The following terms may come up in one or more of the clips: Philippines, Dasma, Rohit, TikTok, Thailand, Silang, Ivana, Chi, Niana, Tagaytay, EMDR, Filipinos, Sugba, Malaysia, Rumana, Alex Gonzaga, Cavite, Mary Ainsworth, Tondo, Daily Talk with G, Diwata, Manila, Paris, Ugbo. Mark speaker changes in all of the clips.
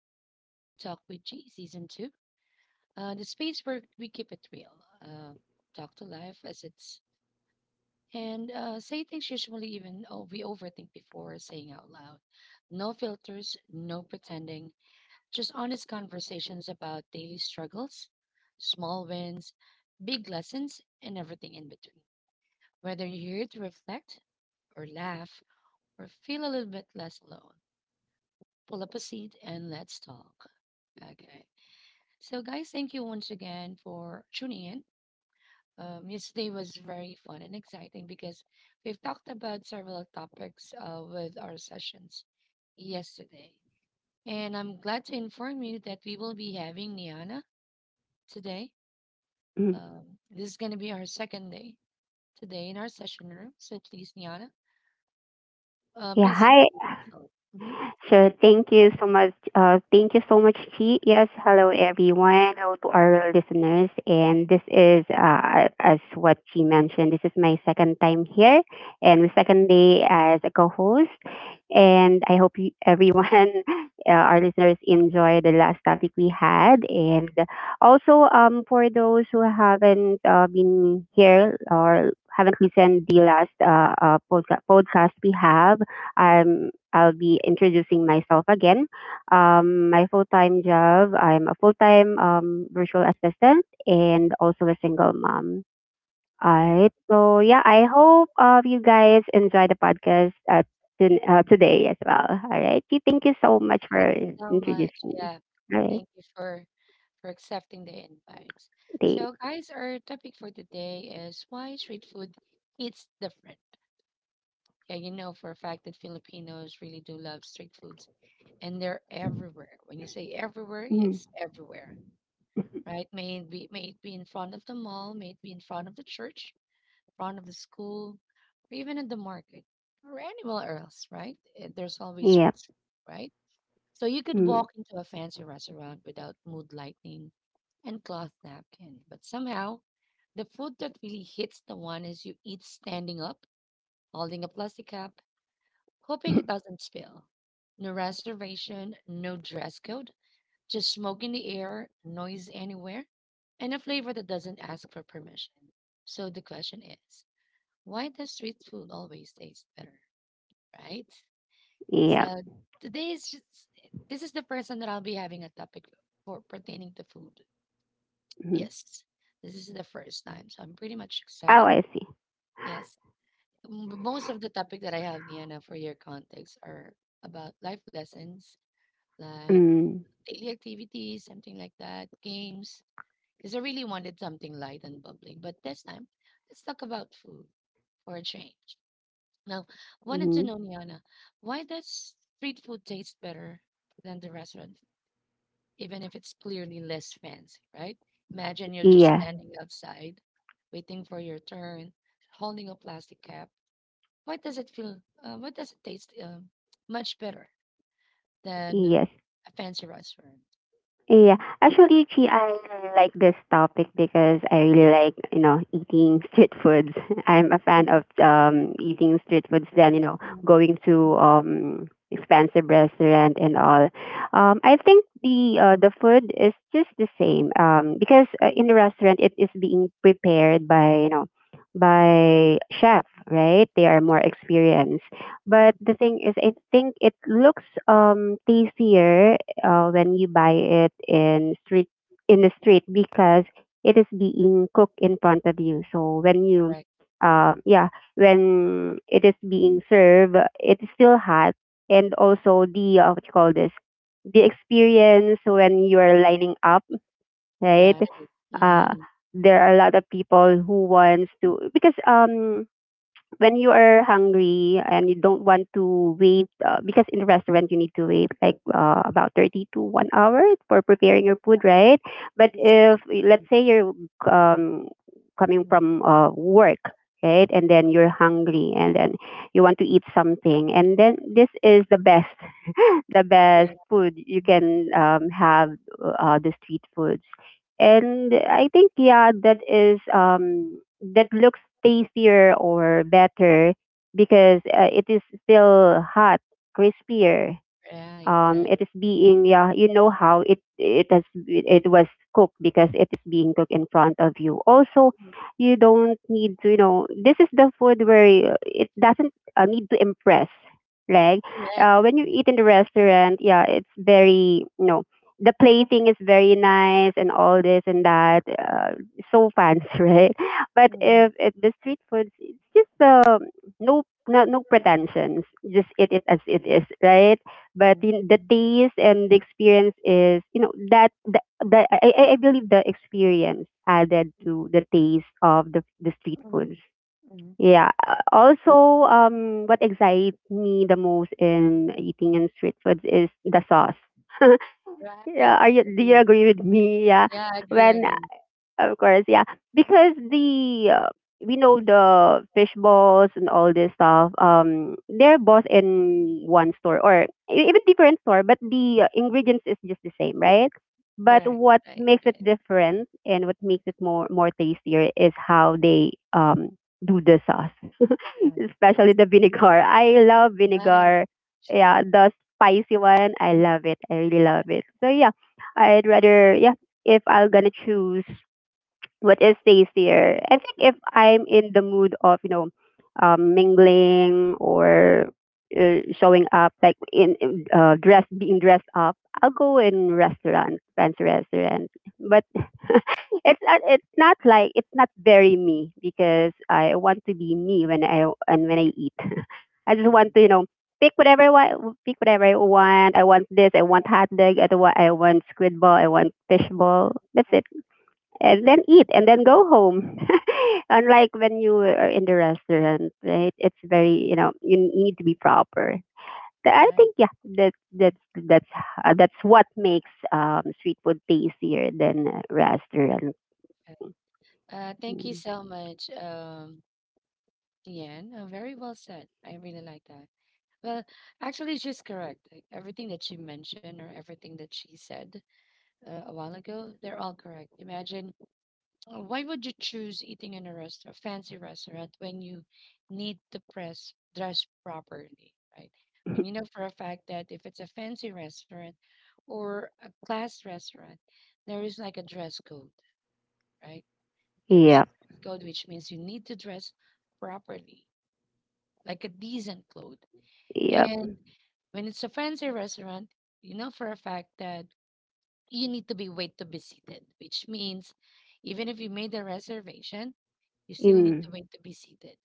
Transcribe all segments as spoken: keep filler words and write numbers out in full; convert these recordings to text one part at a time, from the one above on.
Speaker 1: Welcome to Daily Talk with G Season two, uh, the space where we keep it real, uh, talk to life as it's, and uh, say things usually even oh, we overthink before saying out loud. No filters, no pretending, just honest conversations about daily struggles, small wins, big lessons, and everything in between. Whether you're here to reflect, or laugh, or feel a little bit less alone, pull up a seat and let's talk. Okay. So, guys, thank you once again for tuning in. Um, yesterday was very fun and exciting because we've talked about several topics uh, with our sessions yesterday. And I'm glad to inform you that we will be having Niana today.
Speaker 2: 嗯，
Speaker 1: Um, this is going to be our second day today in our session room. So, please, Niana, uh,
Speaker 2: 呀
Speaker 1: please
Speaker 2: 嗨，
Speaker 1: introduce yourself. Mhm.
Speaker 2: So thank you so much. Uh, thank you so much, Chi. Yes, hello everyone, hello to our listeners. And this is, uh, as what Chi mentioned, this is my second time here and my second day as a co-host. And I hope you, everyone, uh, our listeners, enjoy the last topic we had. And also, um, for those who haven't uh, been here or haven't listened the last uh, uh, podca- podcast we have. I'm I'll be introducing myself again. Um, my full time job, I'm a full time um, virtual assistant and also a single mom. All right. So, yeah, I hope uh, you guys enjoy the podcast uh, to, uh, today as well. All right. Okay, thank you so
Speaker 1: Thank
Speaker 2: much
Speaker 1: you
Speaker 2: for
Speaker 1: so
Speaker 2: introducing
Speaker 1: much.
Speaker 2: me.
Speaker 1: Yeah.
Speaker 2: All right.
Speaker 1: Thank you for for accepting the invite.
Speaker 2: Thanks.
Speaker 1: So, guys, our topic for today is why street food hits different. Yeah, you know for a fact that Filipinos really do love street foods and they're everywhere. When you say everywhere,
Speaker 2: Mm.
Speaker 1: it's everywhere. Right? May it be may it be in front of the mall, may it be in front of the church, front of the school, or even at the market, or anywhere else, right? Eh, There's always
Speaker 2: Yep.
Speaker 1: streets, right? So you could
Speaker 2: Mm.
Speaker 1: walk into a fancy restaurant without mood lighting and cloth napkin, but somehow the food that really hits the one is you eat standing up, holding a plastic cup, hoping it doesn't spill. No reservation, no dress code, just smoke in the air, noise anywhere, and a flavor that doesn't ask for permission. So the question is, why does street food always taste better, right?
Speaker 2: Yep.
Speaker 1: So today is just this is the first time that I'll be having a topic for pertaining to food.
Speaker 2: Mm.
Speaker 1: Yes, this is the first time, so I'm pretty much
Speaker 2: Oh,
Speaker 1: excited.
Speaker 2: I see.
Speaker 1: Yes, M- most of the topic that I have, Diana, for your context, are about life lessons, like
Speaker 2: Mm.
Speaker 1: daily activities, something like that, games. Because I really wanted something light and bubbling, but this time, let's talk about food for a change. Now, wanted to
Speaker 2: Mm.
Speaker 1: know, Niana, why does street food taste better than the restaurant even if it's clearly less fancy, right? Imagine you're just
Speaker 2: Yeah.
Speaker 1: standing outside, waiting for your turn, holding a plastic cap. What does it feel? Uh, what does it taste? Um, much better than
Speaker 2: Yes.
Speaker 1: a fancy restaurant.
Speaker 2: Yeah,
Speaker 1: Mhm.
Speaker 2: actually, Chi, I really like this topic because I really like, you know, eating street foods. I'm a fan
Speaker 1: Mhm,
Speaker 2: of um eating street foods than, you know,
Speaker 1: mhm,
Speaker 2: going to
Speaker 1: mhm,
Speaker 2: um expensive restaurant and all. Um, I think the uh, the food is just the same. Um, because uh, in the restaurant it is being prepared by, you know, by chef,
Speaker 1: mhm.
Speaker 2: right? They are more
Speaker 1: Right.
Speaker 2: experienced. But
Speaker 1: Mhm.
Speaker 2: the thing is, I think it looks um tastier uh, when you buy it in street in the street because it is being cooked in front of you. So when you
Speaker 1: Correct.
Speaker 2: uh, yeah, when it is being served, it's still hot, and also the uh, what you call this, the experience when you are lining up, right?
Speaker 1: Right.
Speaker 2: Uh,
Speaker 1: Mm-hmm.
Speaker 2: there are a lot of people who wants to because um when you are hungry and you don't want to wait uh, because in the restaurant you need to wait like uh, about thirty to one hour for preparing your food, right?
Speaker 1: To
Speaker 2: But
Speaker 1: be
Speaker 2: if
Speaker 1: seated.
Speaker 2: let's
Speaker 1: Mhm,
Speaker 2: say you're um, coming
Speaker 1: mhm.
Speaker 2: from uh, work, right? And then you're hungry and then you want to eat something and then this is the best the best
Speaker 1: Correct.
Speaker 2: food you
Speaker 1: Mhm.
Speaker 2: can um, have uh, the street foods. And I think yeah that is um, that looks tastier or better because uh, it is still hot, crispier.
Speaker 1: Right.
Speaker 2: um
Speaker 1: Right.
Speaker 2: it is
Speaker 1: Mhm,
Speaker 2: being yeah you know how it it has it was cooked because it is being cooked in front of you also
Speaker 1: mhm.
Speaker 2: you don't need to you know this is the food where uh, it doesn't uh, need to impress like
Speaker 1: Correct.
Speaker 2: uh, when you
Speaker 1: Mhm,
Speaker 2: eat in the restaurant, yeah it's very you know the plating is very nice and all this and that uh, so fancy right but if, if the street food it's just uh, no no no pretensions, just eat it as it is, right? But
Speaker 1: mhm,
Speaker 2: in the
Speaker 1: mhm,
Speaker 2: taste and the experience is you know that the, the I, I I believe the experience added
Speaker 1: mhm,
Speaker 2: to the taste of the the street
Speaker 1: mhm,
Speaker 2: foods,
Speaker 1: mhm.
Speaker 2: yeah. Uh, also um what excites me the most in eating in street foods is the sauce.
Speaker 1: Right.
Speaker 2: Yeah, are you do you
Speaker 1: Agree.
Speaker 2: agree with me? Yeah,
Speaker 1: Yeah, I agree, I
Speaker 2: when
Speaker 1: agree.
Speaker 2: of course, yeah. Because the uh, we know the fish balls and all this stuff. Um, they're both in one store or e- even different store, but the uh, ingredients is just the same, right? But
Speaker 1: Correct,
Speaker 2: what
Speaker 1: right,
Speaker 2: makes it
Speaker 1: right.
Speaker 2: different and what makes it more more tastier is how they um do the sauce,
Speaker 1: Correct.
Speaker 2: especially
Speaker 1: Us.
Speaker 2: the vinegar. I love
Speaker 1: Right.
Speaker 2: vinegar.
Speaker 1: True.
Speaker 2: Yeah, the spicy one. I
Speaker 1: Mm,
Speaker 2: love it. I really
Speaker 1: yes, yes.
Speaker 2: love it. So yeah, I'd rather yeah if I'm gonna choose what is tastier. I think if I'm in the mood of, you know, um, mingling or uh, showing up like in in, uh, dress being dressed up, I'll go in restaurant, fancy restaurant. But it's not it's not like it's not very me because I want to be me when I and when I eat. I just want
Speaker 1: Correct.
Speaker 2: to, you know, pick whatever I want, pick whatever I want. I want this. I want hot dog. I want I want squid ball. I want fish
Speaker 1: Uh,
Speaker 2: ball. That's
Speaker 1: uh,
Speaker 2: it and then eat
Speaker 1: okay.
Speaker 2: and then go home. Unlike when you are in the restaurant, right? It's very you know you n- need to be proper. Th- I
Speaker 1: Right.
Speaker 2: think yeah, that that's that's uh, that's what makes um, street food tastier than uh, restaurant.
Speaker 1: right. Uh, thank you
Speaker 2: Mm.
Speaker 1: so much, um, Ian. Uh, very well said. I really like that. Well, actually, she's correct. Like, Everything that she mentioned or everything that she said uh, a while ago, they're all correct. Imagine, Uh, why would you choose eating in a rest a fancy restaurant when you need to press dress properly, right? When you know for a fact that if it's a fancy restaurant or a class restaurant, there is like a dress code, right? There is a
Speaker 2: Yep,
Speaker 1: dress code, which means you need to dress properly, like a decent clothes.
Speaker 2: yep.
Speaker 1: And when it's a fancy restaurant, you know for a fact that you need to be wait to be seated, which means even if you made a reservation, You still need
Speaker 2: Mm,
Speaker 1: to wait to be seated.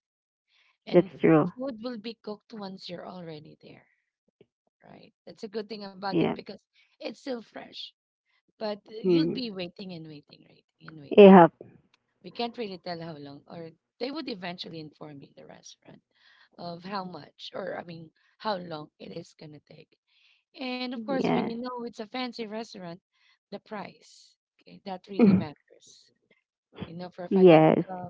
Speaker 2: that's
Speaker 1: And
Speaker 2: true.
Speaker 1: f- food will be cooked once you're already there, right? That's a good thing about it
Speaker 2: Yep.
Speaker 1: because it's still fresh. But uh, you'll
Speaker 2: Mm.
Speaker 1: be waiting and waiting, waiting and waiting.
Speaker 2: Yep.
Speaker 1: We can't really tell how long, or they would eventually inform you, the restaurant, of how much, or I mean, how long it is going to take. And of course, when you
Speaker 2: Yes.
Speaker 1: know it's a fancy restaurant, the price, okay, that really
Speaker 2: Mm.
Speaker 1: matters. You know for a fact that
Speaker 2: Yes.
Speaker 1: uh,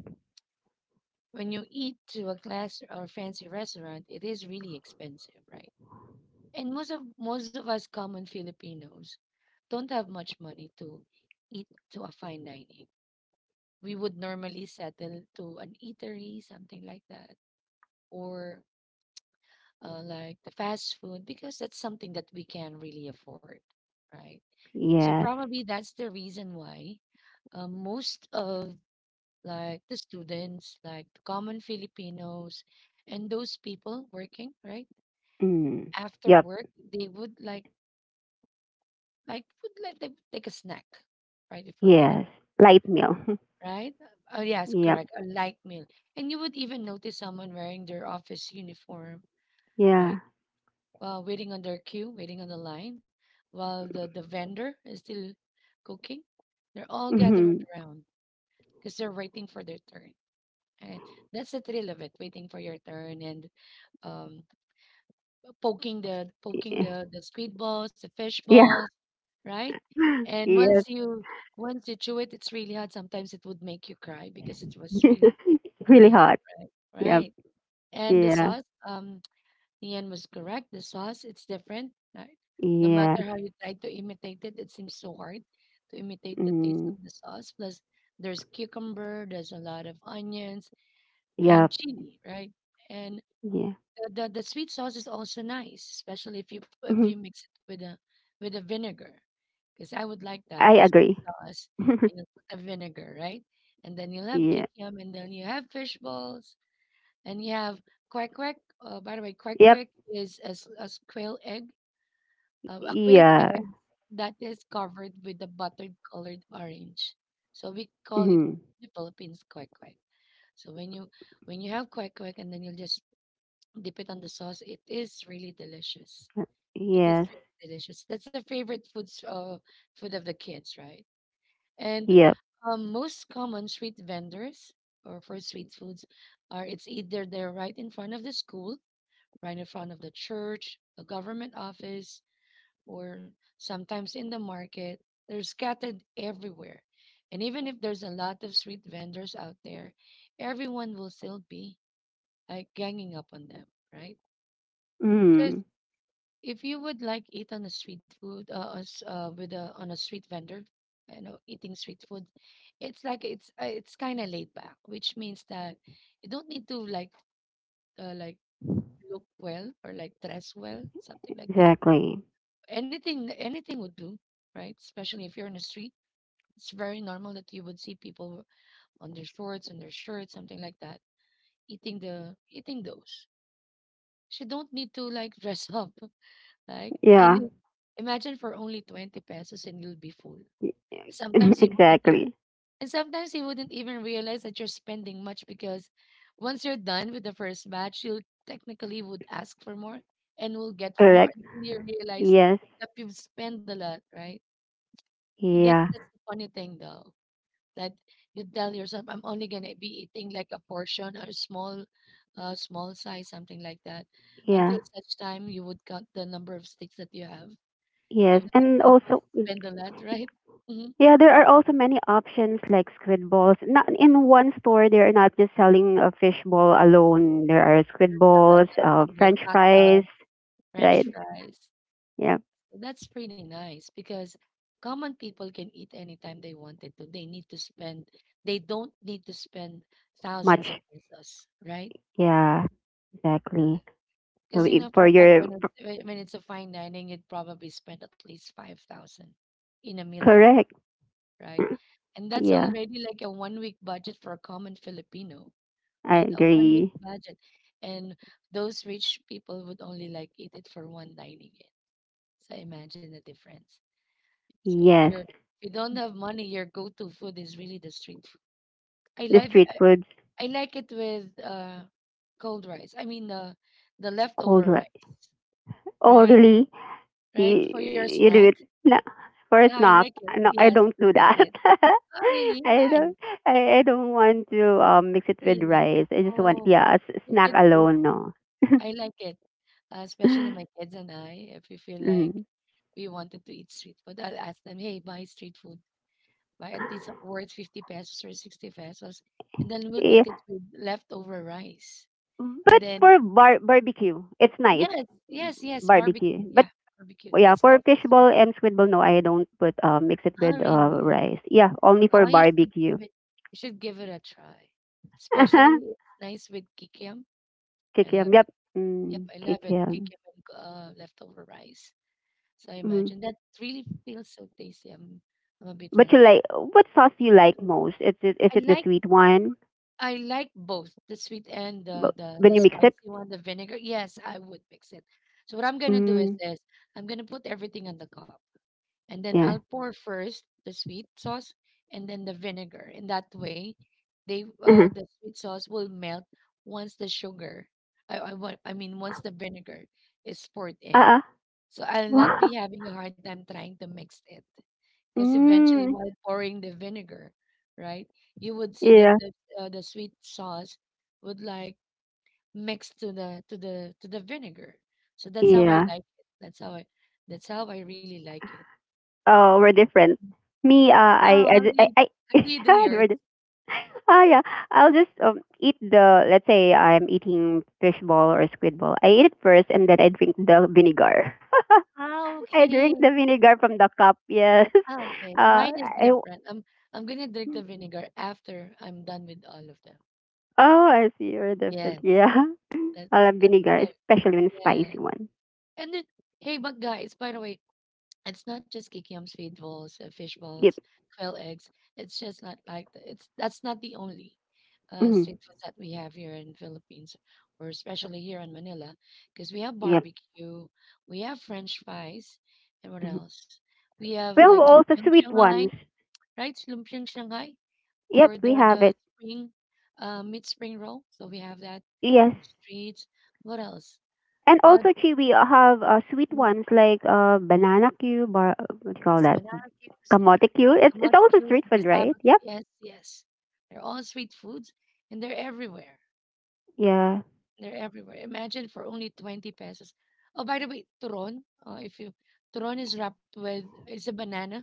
Speaker 1: When you eat to a class or fancy restaurant, it is really expensive, right? And most of most of us common Filipinos don't have much money to eat to a fine dining. We would normally settle to an eatery, something like that, or uh, like the fast food because that's something that we can really afford, right? So
Speaker 2: Yes.
Speaker 1: probably that's the reason why uh, most of like the students, like the common Filipinos, and those people working, right?
Speaker 2: Mm.
Speaker 1: After
Speaker 2: Yep.
Speaker 1: work, they would like like would like they would take a snack, right, before going.
Speaker 2: Yes. Light meal.
Speaker 1: Right? Uh, yes,
Speaker 2: Yep.
Speaker 1: correct. A light meal. And you would even notice someone wearing their office uniform, right?
Speaker 2: Yeah.
Speaker 1: While waiting on their queue, waiting on the line, while the, the vendor is still cooking. They're all gathered
Speaker 2: Mm-hmm.
Speaker 1: around because they're waiting for their turn. And that's the thrill of it, waiting for your turn and um poking the
Speaker 2: Eh,
Speaker 1: poking
Speaker 2: eh.
Speaker 1: the the squid balls, the fish balls, right? And
Speaker 2: Yes.
Speaker 1: once you once you chew it, it's really hot. Sometimes it would make you cry because it was really
Speaker 2: It's
Speaker 1: really
Speaker 2: really
Speaker 1: hot,
Speaker 2: hard.
Speaker 1: right?
Speaker 2: Yep.
Speaker 1: Right. And the
Speaker 2: Yeah.
Speaker 1: sauce, um, Nian was correct. The sauce, it's different, right? No matter how you
Speaker 2: Yes.
Speaker 1: try to imitate it, it seems so hard to imitate the taste of
Speaker 2: Mm.
Speaker 1: the sauce. Plus, there's cucumber, there's a lot of onions and
Speaker 2: Yep.
Speaker 1: chili, right? And
Speaker 2: Yeah.
Speaker 1: the, the the sweet sauce is also nice, especially if you if
Speaker 2: Mhm.
Speaker 1: you mix it with a with a vinegar, because I would like that
Speaker 2: I
Speaker 1: a sweet
Speaker 2: agree.
Speaker 1: sauce and you put the vinegar, right? And then you'll have
Speaker 2: Yeah.
Speaker 1: kikiam, and then you have fish balls, and you have quack quack. Uh, by the way, quack
Speaker 2: Yep.
Speaker 1: quack is a, s- a s- quail egg, uh, a quail
Speaker 2: Yeah.
Speaker 1: egg that is covered with the buttered colored orange. So we call it
Speaker 2: Mhm.
Speaker 1: the Philippines quack quack. So when you when you have quack quack, and then you'll just Dip it on the sauce. It is really delicious. It is
Speaker 2: Yes.
Speaker 1: really delicious. That's a favorite foods uh, food of the kids, right? And
Speaker 2: Yep.
Speaker 1: um, most common street vendors or for street foods are it's either they're right in front of the school, right in front of the church, the government office, or sometimes in the market. They're scattered everywhere. And even if there's a lot of street vendors out there, everyone will still be like ganging up on them, right? Because
Speaker 2: Mm.
Speaker 1: if you would like eat on a street food, uh, us- uh with a on a street vendor, you know, eating street food, it's like it's uh, it's kind of laid back, which means that you don't need to like uh, like look well or like dress well, something like that.
Speaker 2: Exactly.
Speaker 1: Anything anything would do, right? Especially if you're in the street, it's very normal that you would see people on their shorts and their shirts, something like that, eating the eating those. So you don't need to like dress up. Like, and
Speaker 2: Yeah.
Speaker 1: i- imagine for only twenty pesos and you'll be full.
Speaker 2: Y-
Speaker 1: Sometimes you wouldn't even,
Speaker 2: Exactly.
Speaker 1: and sometimes you wouldn't even realize that you're spending much because once you're done with the first batch, you'll technically would ask for more and will get for more
Speaker 2: Correct.
Speaker 1: until you realize
Speaker 2: Yes.
Speaker 1: that you've spent a lot, right? That,
Speaker 2: Yeah.
Speaker 1: that's the funny thing though, that you tell yourself, I'm only gonna be eating like a portion or a small, uh, small size, something like that,
Speaker 2: Yeah.
Speaker 1: until such time you would count the number of sticks that you have.
Speaker 2: Yes.
Speaker 1: You've like
Speaker 2: And
Speaker 1: almost
Speaker 2: also,
Speaker 1: spent a lot, right? Mhm.
Speaker 2: yeah, there are also many options like squid balls. Not in one store, they're not just selling a fish ball alone. There are squid
Speaker 1: There's a lot
Speaker 2: balls, uh,
Speaker 1: of them. There's
Speaker 2: French
Speaker 1: hot
Speaker 2: fries,
Speaker 1: dogs,
Speaker 2: right?
Speaker 1: French fries.
Speaker 2: Yeah,
Speaker 1: So that's pretty nice because common people can eat anytime they wanted to. They need to spend. They don't need to spend
Speaker 2: much.
Speaker 1: thousands of pesos, right?
Speaker 2: Yeah, exactly. So
Speaker 1: Because you
Speaker 2: if
Speaker 1: know for
Speaker 2: for
Speaker 1: a fact
Speaker 2: your
Speaker 1: when it's when when it's a fine dining, you'd probably spend at least five thousand in a meal for that,
Speaker 2: correct,
Speaker 1: right? And that's
Speaker 2: yeah,
Speaker 1: already like a one week budget for a common Filipino.
Speaker 2: I
Speaker 1: right? A one week
Speaker 2: agree.
Speaker 1: budget. And those rich people would only like eat it for one dining in. So imagine the difference. So if
Speaker 2: Yes,
Speaker 1: you're if you don't have money, your go to food is really the street food. I
Speaker 2: the
Speaker 1: like
Speaker 2: street foods,
Speaker 1: I like it with uh cold rice. I mean the the
Speaker 2: cold
Speaker 1: leftover
Speaker 2: rice.
Speaker 1: rice,
Speaker 2: Oh,
Speaker 1: right?
Speaker 2: really?
Speaker 1: Right?
Speaker 2: You,
Speaker 1: For your
Speaker 2: you
Speaker 1: snack.
Speaker 2: do it. No,
Speaker 1: Yeah,
Speaker 2: first
Speaker 1: I
Speaker 2: knock.
Speaker 1: like it.
Speaker 2: No, I
Speaker 1: Yes,
Speaker 2: don't do
Speaker 1: I like
Speaker 2: that.
Speaker 1: it. Oh, really?
Speaker 2: I
Speaker 1: Why?
Speaker 2: don't. I, I don't want to um, mix it with
Speaker 1: Really?
Speaker 2: rice. I just want
Speaker 1: Oh,
Speaker 2: yeah, s-
Speaker 1: you
Speaker 2: snack
Speaker 1: should.
Speaker 2: alone. No.
Speaker 1: I like it, uh, especially my kids and I. If we feel like
Speaker 2: Mm.
Speaker 1: we wanted to eat street food, I'll ask them, hey, buy street food, buy at least worth fifty pesos or sixty pesos, and then we'll
Speaker 2: Yeah,
Speaker 1: eat it with leftover rice. And
Speaker 2: but
Speaker 1: then,
Speaker 2: for bar- barbecue, it's nice
Speaker 1: yes, yes, yes, barbecue.
Speaker 2: barbecue. But
Speaker 1: Yeah, barbecue.
Speaker 2: yeah,
Speaker 1: That's
Speaker 2: for
Speaker 1: also street
Speaker 2: fishball
Speaker 1: food.
Speaker 2: and squidball, no, I don't put uh, mix it
Speaker 1: Oh,
Speaker 2: with uh,
Speaker 1: really?
Speaker 2: rice. Yeah, only
Speaker 1: Oh,
Speaker 2: for
Speaker 1: you should
Speaker 2: barbecue.
Speaker 1: give it, you should give it a try. Especially it's nice with kikiam. I
Speaker 2: Kikiam.
Speaker 1: love
Speaker 2: Yep.
Speaker 1: it.
Speaker 2: Mm,
Speaker 1: Yep, I love it.
Speaker 2: kikiam.
Speaker 1: Kikiam and uh, leftover rice. So I
Speaker 2: Mm-hmm.
Speaker 1: imagine that really feels so tasty. I'm I'm a bit
Speaker 2: But you
Speaker 1: hungry.
Speaker 2: like what sauce do you like
Speaker 1: Mm.
Speaker 2: most? Is it is
Speaker 1: I
Speaker 2: it the
Speaker 1: like
Speaker 2: sweet one?
Speaker 1: I like both the sweet and the
Speaker 2: But
Speaker 1: the
Speaker 2: when
Speaker 1: the
Speaker 2: you mix it,
Speaker 1: spicy one, the vinegar. Yes, I would mix it. So what I'm gonna do is
Speaker 2: mm,
Speaker 1: this: I'm gonna put everything on the cup, and then I'll
Speaker 2: yeah.
Speaker 1: pour first the sweet sauce and then the vinegar. And that way, they
Speaker 2: Uh-huh.
Speaker 1: uh the sweet sauce will melt once the sugar. I I want I mean Once the vinegar is poured in.
Speaker 2: Uh-uh.
Speaker 1: So I'll not
Speaker 2: Wow.
Speaker 1: be having a hard time trying to mix it, because eventually
Speaker 2: Mm,
Speaker 1: while pouring the vinegar, right, you would see that
Speaker 2: yeah.
Speaker 1: the, uh, the sweet sauce would like mix to the to the to the vinegar. So that's how i
Speaker 2: Yeah.
Speaker 1: like it that's how i that's how I really like it.
Speaker 2: Oh, we're different. Me, uh, I,
Speaker 1: Oh,
Speaker 2: I,
Speaker 1: how
Speaker 2: ju-
Speaker 1: do
Speaker 2: I,
Speaker 1: you
Speaker 2: I
Speaker 1: how do you do
Speaker 2: yeah,
Speaker 1: yours?
Speaker 2: we're di- ah, yeah. I'll just um, eat the. Let's say I'm eating fish ball or squid ball. I eat it first, and then I drink the vinegar.
Speaker 1: Ah,
Speaker 2: I
Speaker 1: okay.
Speaker 2: drink the vinegar from the cup. Yes.
Speaker 1: Ah, okay,
Speaker 2: Uh,
Speaker 1: mine is
Speaker 2: I.
Speaker 1: different. i'm I'm gonna drink the vinegar after I'm done with all of them.
Speaker 2: Oh, I see. We're different.
Speaker 1: Yes,
Speaker 2: Yeah. I
Speaker 1: that's
Speaker 2: love
Speaker 1: that's what
Speaker 2: vinegar,
Speaker 1: I
Speaker 2: especially when spicy
Speaker 1: yes,
Speaker 2: one.
Speaker 1: and then, hey, but guys, by the way, it's not just kikiam, sweet balls, uh, fish balls,
Speaker 2: Yep.
Speaker 1: quail eggs. It's just not like the, it's That's not the only uh,
Speaker 2: Mhm.
Speaker 1: street food that we have here in Philippines, or especially here in Manila, because we have
Speaker 2: Yep.
Speaker 1: barbecue, we have French fries, and what
Speaker 2: Mhm.
Speaker 1: else? We have
Speaker 2: We have
Speaker 1: like
Speaker 2: also
Speaker 1: lumpiang
Speaker 2: sweet
Speaker 1: Shanghai,
Speaker 2: ones.
Speaker 1: right? Lumpiang Shanghai,
Speaker 2: Yep,
Speaker 1: or
Speaker 2: we
Speaker 1: the
Speaker 2: have
Speaker 1: the
Speaker 2: it.
Speaker 1: spring, uh, mid spring roll. So we have that
Speaker 2: Yes.
Speaker 1: in the streets. What else?
Speaker 2: And
Speaker 1: Uh,
Speaker 2: also, Chi, we have uh, sweet
Speaker 1: mm,
Speaker 2: ones like uh, banana cube or uh, what do you call
Speaker 1: the
Speaker 2: that?
Speaker 1: banana cubes.
Speaker 2: Kamote
Speaker 1: Uh,
Speaker 2: cube. It's, it's
Speaker 1: kamote
Speaker 2: also
Speaker 1: cues
Speaker 2: street
Speaker 1: or
Speaker 2: food,
Speaker 1: cassava.
Speaker 2: right? Yep.
Speaker 1: Yes, yes. They're all street foods and they're everywhere.
Speaker 2: Yeah.
Speaker 1: They're everywhere. Imagine for only twenty pesos. Oh, by the way, turon, uh, if you, turon is wrapped with, it's a banana,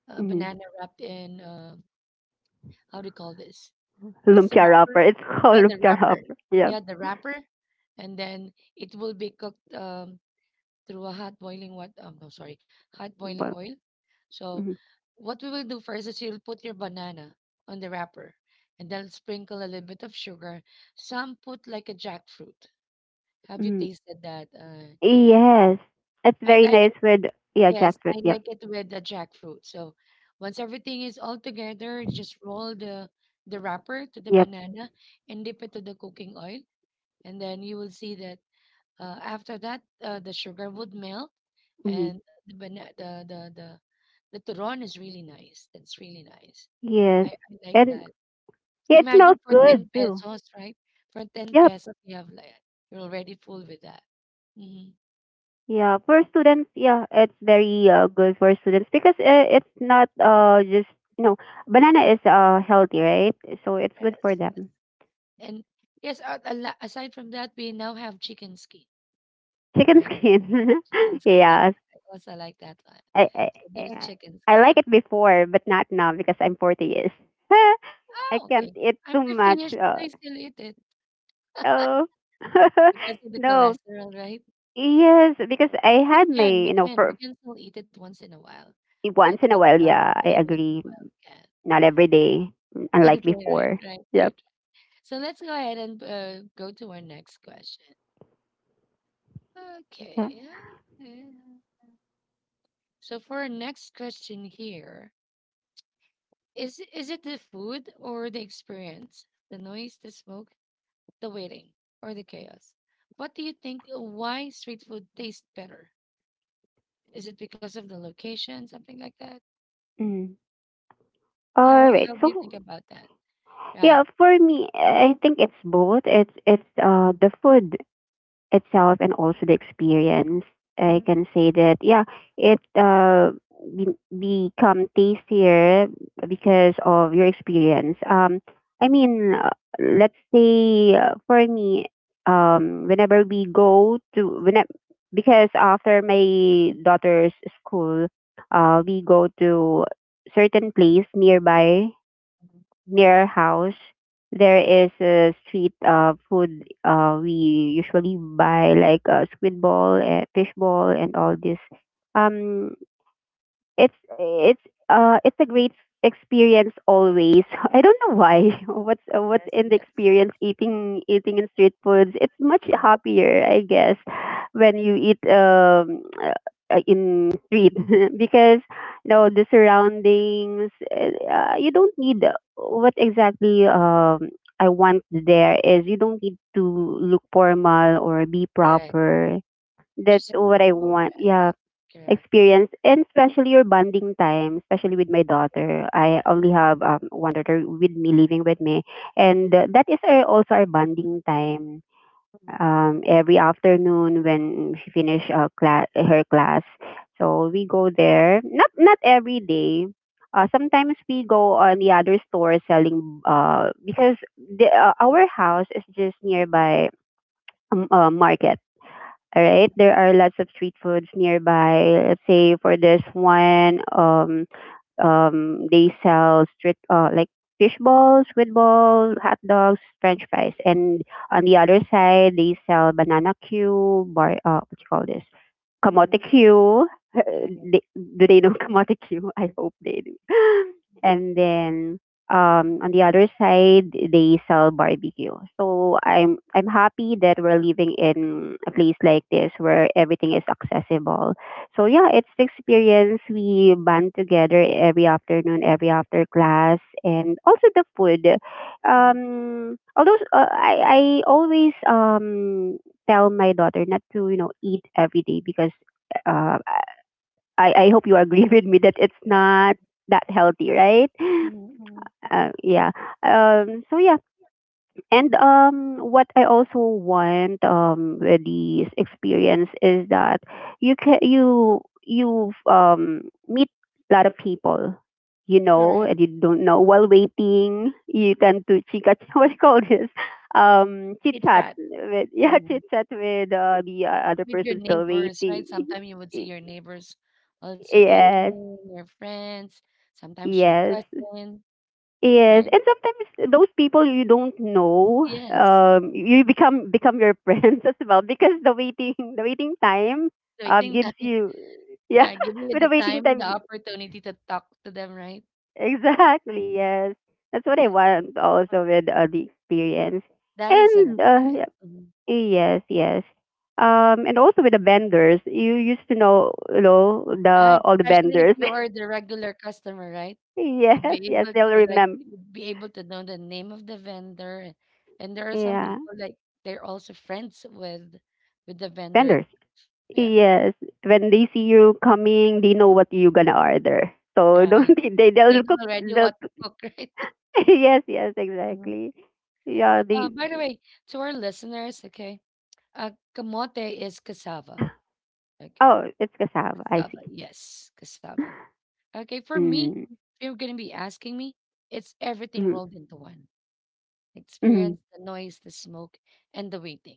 Speaker 1: a
Speaker 2: Hmm.
Speaker 1: banana wrapped in, uh, how do you call this? What's the
Speaker 2: Lumpia
Speaker 1: wrapper?
Speaker 2: wrapper. It's
Speaker 1: Yeah,
Speaker 2: called
Speaker 1: the
Speaker 2: lumpia
Speaker 1: wrapper.
Speaker 2: wrapper. Yep.
Speaker 1: Yeah, the wrapper. And then it will be cooked. Um, through a hot boiling what um no sorry hot boiling
Speaker 2: But,
Speaker 1: oil. So
Speaker 2: mhm.
Speaker 1: what we will do first is you'll put your banana on the wrapper, and then sprinkle a little bit of sugar. Some put like a jackfruit. Have you
Speaker 2: Mhm.
Speaker 1: tasted that? Uh yeah,
Speaker 2: Yes. It's
Speaker 1: I
Speaker 2: very
Speaker 1: like
Speaker 2: nice
Speaker 1: it
Speaker 2: with, yeah,
Speaker 1: yes, I
Speaker 2: jackfruit.
Speaker 1: like
Speaker 2: Yep.
Speaker 1: it with the jackfruit. So once everything is all together, just roll the the wrapper to the
Speaker 2: Yep.
Speaker 1: banana and dip it to the cooking oil. And then you will see that, uh, after that, uh, the sugar would melt,
Speaker 2: Hmm.
Speaker 1: and the bana- the the the the turon is really nice. That's really nice. I,
Speaker 2: Yes.
Speaker 1: I like
Speaker 2: And
Speaker 1: that.
Speaker 2: yeah, it
Speaker 1: Imagine
Speaker 2: smells
Speaker 1: for ten
Speaker 2: good too.
Speaker 1: pesos, right? For ten
Speaker 2: Yep.
Speaker 1: pesos, you have like you're already full with that. Hmm
Speaker 2: Yeah, for students, yeah, it's very uh, good for students because uh, it's not uh just you know banana is uh healthy, right? So it's good
Speaker 1: Yes,
Speaker 2: for
Speaker 1: yes.
Speaker 2: them.
Speaker 1: And yes, a- a la- aside from that, we now have chicken skin,
Speaker 2: Chicken
Speaker 1: right?
Speaker 2: skin,
Speaker 1: Chicken skin. That
Speaker 2: yes.
Speaker 1: I also like that one.
Speaker 2: I, I
Speaker 1: So there's
Speaker 2: I
Speaker 1: chicken
Speaker 2: I
Speaker 1: skin.
Speaker 2: like it before, but not now because I'm forty years. I
Speaker 1: Oh,
Speaker 2: can't
Speaker 1: okay.
Speaker 2: eat
Speaker 1: I'm
Speaker 2: too
Speaker 1: fifty
Speaker 2: much.
Speaker 1: years, but
Speaker 2: Uh,
Speaker 1: I still eat it
Speaker 2: oh,
Speaker 1: because of the
Speaker 2: no.
Speaker 1: cholesterol, right?
Speaker 2: Yes, because I
Speaker 1: If we
Speaker 2: had my
Speaker 1: can, We
Speaker 2: you know
Speaker 1: can. We
Speaker 2: for
Speaker 1: can still eat it once in a while, but
Speaker 2: once in a
Speaker 1: let's
Speaker 2: while.
Speaker 1: not.
Speaker 2: Yeah, I
Speaker 1: Yeah, once in a
Speaker 2: agree.
Speaker 1: while we can.
Speaker 2: Not every day, unlike
Speaker 1: Okay, right,
Speaker 2: before.
Speaker 1: right, right.
Speaker 2: Yep.
Speaker 1: So let's go ahead and uh, go to our next question. Okay. uh, uh, So for our next question here, is is it the food or the experience, the noise, the smoke, the waiting, or the chaos? What do you think? Why street food tastes better? Is it because of the location, something like that?
Speaker 2: Mm.
Speaker 1: How
Speaker 2: All
Speaker 1: how
Speaker 2: right.
Speaker 1: do you think
Speaker 2: So
Speaker 1: about that? Right.
Speaker 2: yeah, for me, I think it's both. It's it's uh the food itself and also the experience.
Speaker 1: Mhm,
Speaker 2: I can say that yeah, it uh be- become tastier because of your experience. Um, I
Speaker 1: mhm,
Speaker 2: mean, uh, let's say uh, for me, um, whenever we go to when because after my daughter's school, uh, we go to certain place nearby
Speaker 1: mhm.
Speaker 2: near our house, there
Speaker 1: Mm.
Speaker 2: is a street uh, food uh, we usually buy like uh, squid ball and fish ball and all this. Um, it's it's uh it's a great experience always. I don't know why. What's uh,
Speaker 1: Yes,
Speaker 2: what's in the
Speaker 1: yes.
Speaker 2: experience eating eating in street foods? It's much
Speaker 1: Mm.
Speaker 2: happier, I guess, when you eat um uh, uh, in street because you know the surroundings. Uh, you don't need what exactly um I want there is you don't need to look formal or be
Speaker 1: Correct.
Speaker 2: proper. That's
Speaker 1: Just a
Speaker 2: what I
Speaker 1: small
Speaker 2: want.
Speaker 1: dress.
Speaker 2: Yeah
Speaker 1: Correct.
Speaker 2: experience and especially your bonding time, especially with my daughter. I
Speaker 1: Mhm,
Speaker 2: only have um, one daughter with me living with me, and uh, that is our, also our bonding time.
Speaker 1: mhm,
Speaker 2: Um, every afternoon when she finish uh, class, her class, so we go there. Not not every day. Uh, sometimes we go on the other store selling uh, because the, uh, our house is just nearby um, uh, market, all
Speaker 1: mhm,
Speaker 2: right, there are lots of street foods nearby. Let's say for this one, um, um, they sell street uh, like fish balls, squid balls, hot dogs, French fries, and on the other side they sell banana cue, bar uh, what you call this,
Speaker 1: mhm, mhm.
Speaker 2: kamote cue.
Speaker 1: Right.
Speaker 2: They- do they know kamote cue? I hope they do. And then um, on the other side they sell barbecue. So I'm I'm happy that we're living in a place like this where everything is accessible so yeah, it's the experience. We band together every afternoon, every after class, and also the food.
Speaker 1: Mhm.
Speaker 2: Um, although uh, I I always um tell my daughter not to you know eat every day because uh, I I hope you agree with me that it's
Speaker 1: Yes.
Speaker 2: not that healthy, right?
Speaker 1: Mhm, mhm.
Speaker 2: Uh, yeah. Um, so yeah. And um, what I also want um with this experience is that you can you you um meet a lot of people, you know,
Speaker 1: Correct.
Speaker 2: and you don't know while waiting. You tend
Speaker 1: Mm.
Speaker 2: to chika what do you call this? Um, chit
Speaker 1: Chit
Speaker 2: chat
Speaker 1: chat.
Speaker 2: with yeah,
Speaker 1: Mhm.
Speaker 2: chit chat with uh, the uh, other
Speaker 1: With your
Speaker 2: person still
Speaker 1: neighbors, right?
Speaker 2: waiting.
Speaker 1: Sometimes you would see your neighbors also
Speaker 2: Yes,
Speaker 1: eating, your friends, sometimes your
Speaker 2: yes.
Speaker 1: cousin,
Speaker 2: Yes,
Speaker 1: right?
Speaker 2: and sometimes those people you don't know,
Speaker 1: Yes.
Speaker 2: um, you become become your friends as well because the waiting the waiting time
Speaker 1: So I
Speaker 2: um
Speaker 1: think that,
Speaker 2: gives you, yeah.
Speaker 1: I give you the
Speaker 2: with the
Speaker 1: time
Speaker 2: waiting
Speaker 1: and the
Speaker 2: time gi-
Speaker 1: opportunity to talk to them, right?
Speaker 2: Exactly, yes, that's what I want also with uh, the experience.
Speaker 1: That is an
Speaker 2: And uh,
Speaker 1: experience.
Speaker 2: yeah,
Speaker 1: Mm-hmm.
Speaker 2: yes yes um and also with the vendors you used to know. You know
Speaker 1: Right,
Speaker 2: the all the
Speaker 1: especially if
Speaker 2: vendors.
Speaker 1: you are the regular customer, right? You'd
Speaker 2: Yes,
Speaker 1: be able
Speaker 2: yes, they'll
Speaker 1: to like
Speaker 2: remember,
Speaker 1: you'd be able to know the name of the vendor, and, and there are some
Speaker 2: yeah,
Speaker 1: people like they're also friends with with the vendor.
Speaker 2: vendors.
Speaker 1: Yeah.
Speaker 2: Yes,
Speaker 1: Mhm.
Speaker 2: when they see you coming, they know what you gonna order. So
Speaker 1: Right.
Speaker 2: don't they- they-
Speaker 1: They
Speaker 2: will
Speaker 1: know
Speaker 2: cook.
Speaker 1: already what
Speaker 2: They'll
Speaker 1: to
Speaker 2: cook.
Speaker 1: cook, right?
Speaker 2: Yes, yes,
Speaker 1: Mhm.
Speaker 2: exactly. Yeah,
Speaker 1: Uh,
Speaker 2: they.
Speaker 1: by the way, to our listeners, okay, uh, kamote is cassava. Okay,
Speaker 2: Oh, it's cassava. I
Speaker 1: cassava.
Speaker 2: see.
Speaker 1: Yes, cassava. Okay, for me,
Speaker 2: Mm,
Speaker 1: if you're gonna be asking me, it's everything
Speaker 2: mm,
Speaker 1: rolled into one. Experience,
Speaker 2: mm,
Speaker 1: the noise, the smoke, and the waiting.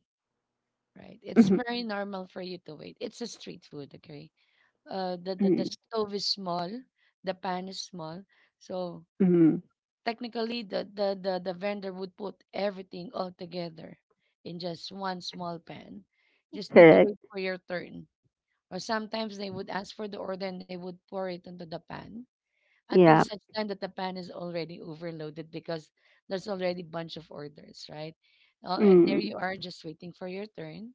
Speaker 1: Right? It's
Speaker 2: mm,
Speaker 1: very normal for you to wait. It's a street food, okay? Uh, the, the the,
Speaker 2: mm,
Speaker 1: stove is small, the pan is small, so
Speaker 2: mm.
Speaker 1: technically the the the, the vendor would put everything all together in just one small pan. Just need to
Speaker 2: Correct.
Speaker 1: wait for your turn. Or sometimes they would ask for the order and they would pour it into the pan until
Speaker 2: Yeah.
Speaker 1: such time that the pan is already overloaded, because there's already bunch of orders, right? Uh, and there you
Speaker 2: Mm.
Speaker 1: are just waiting for your turn,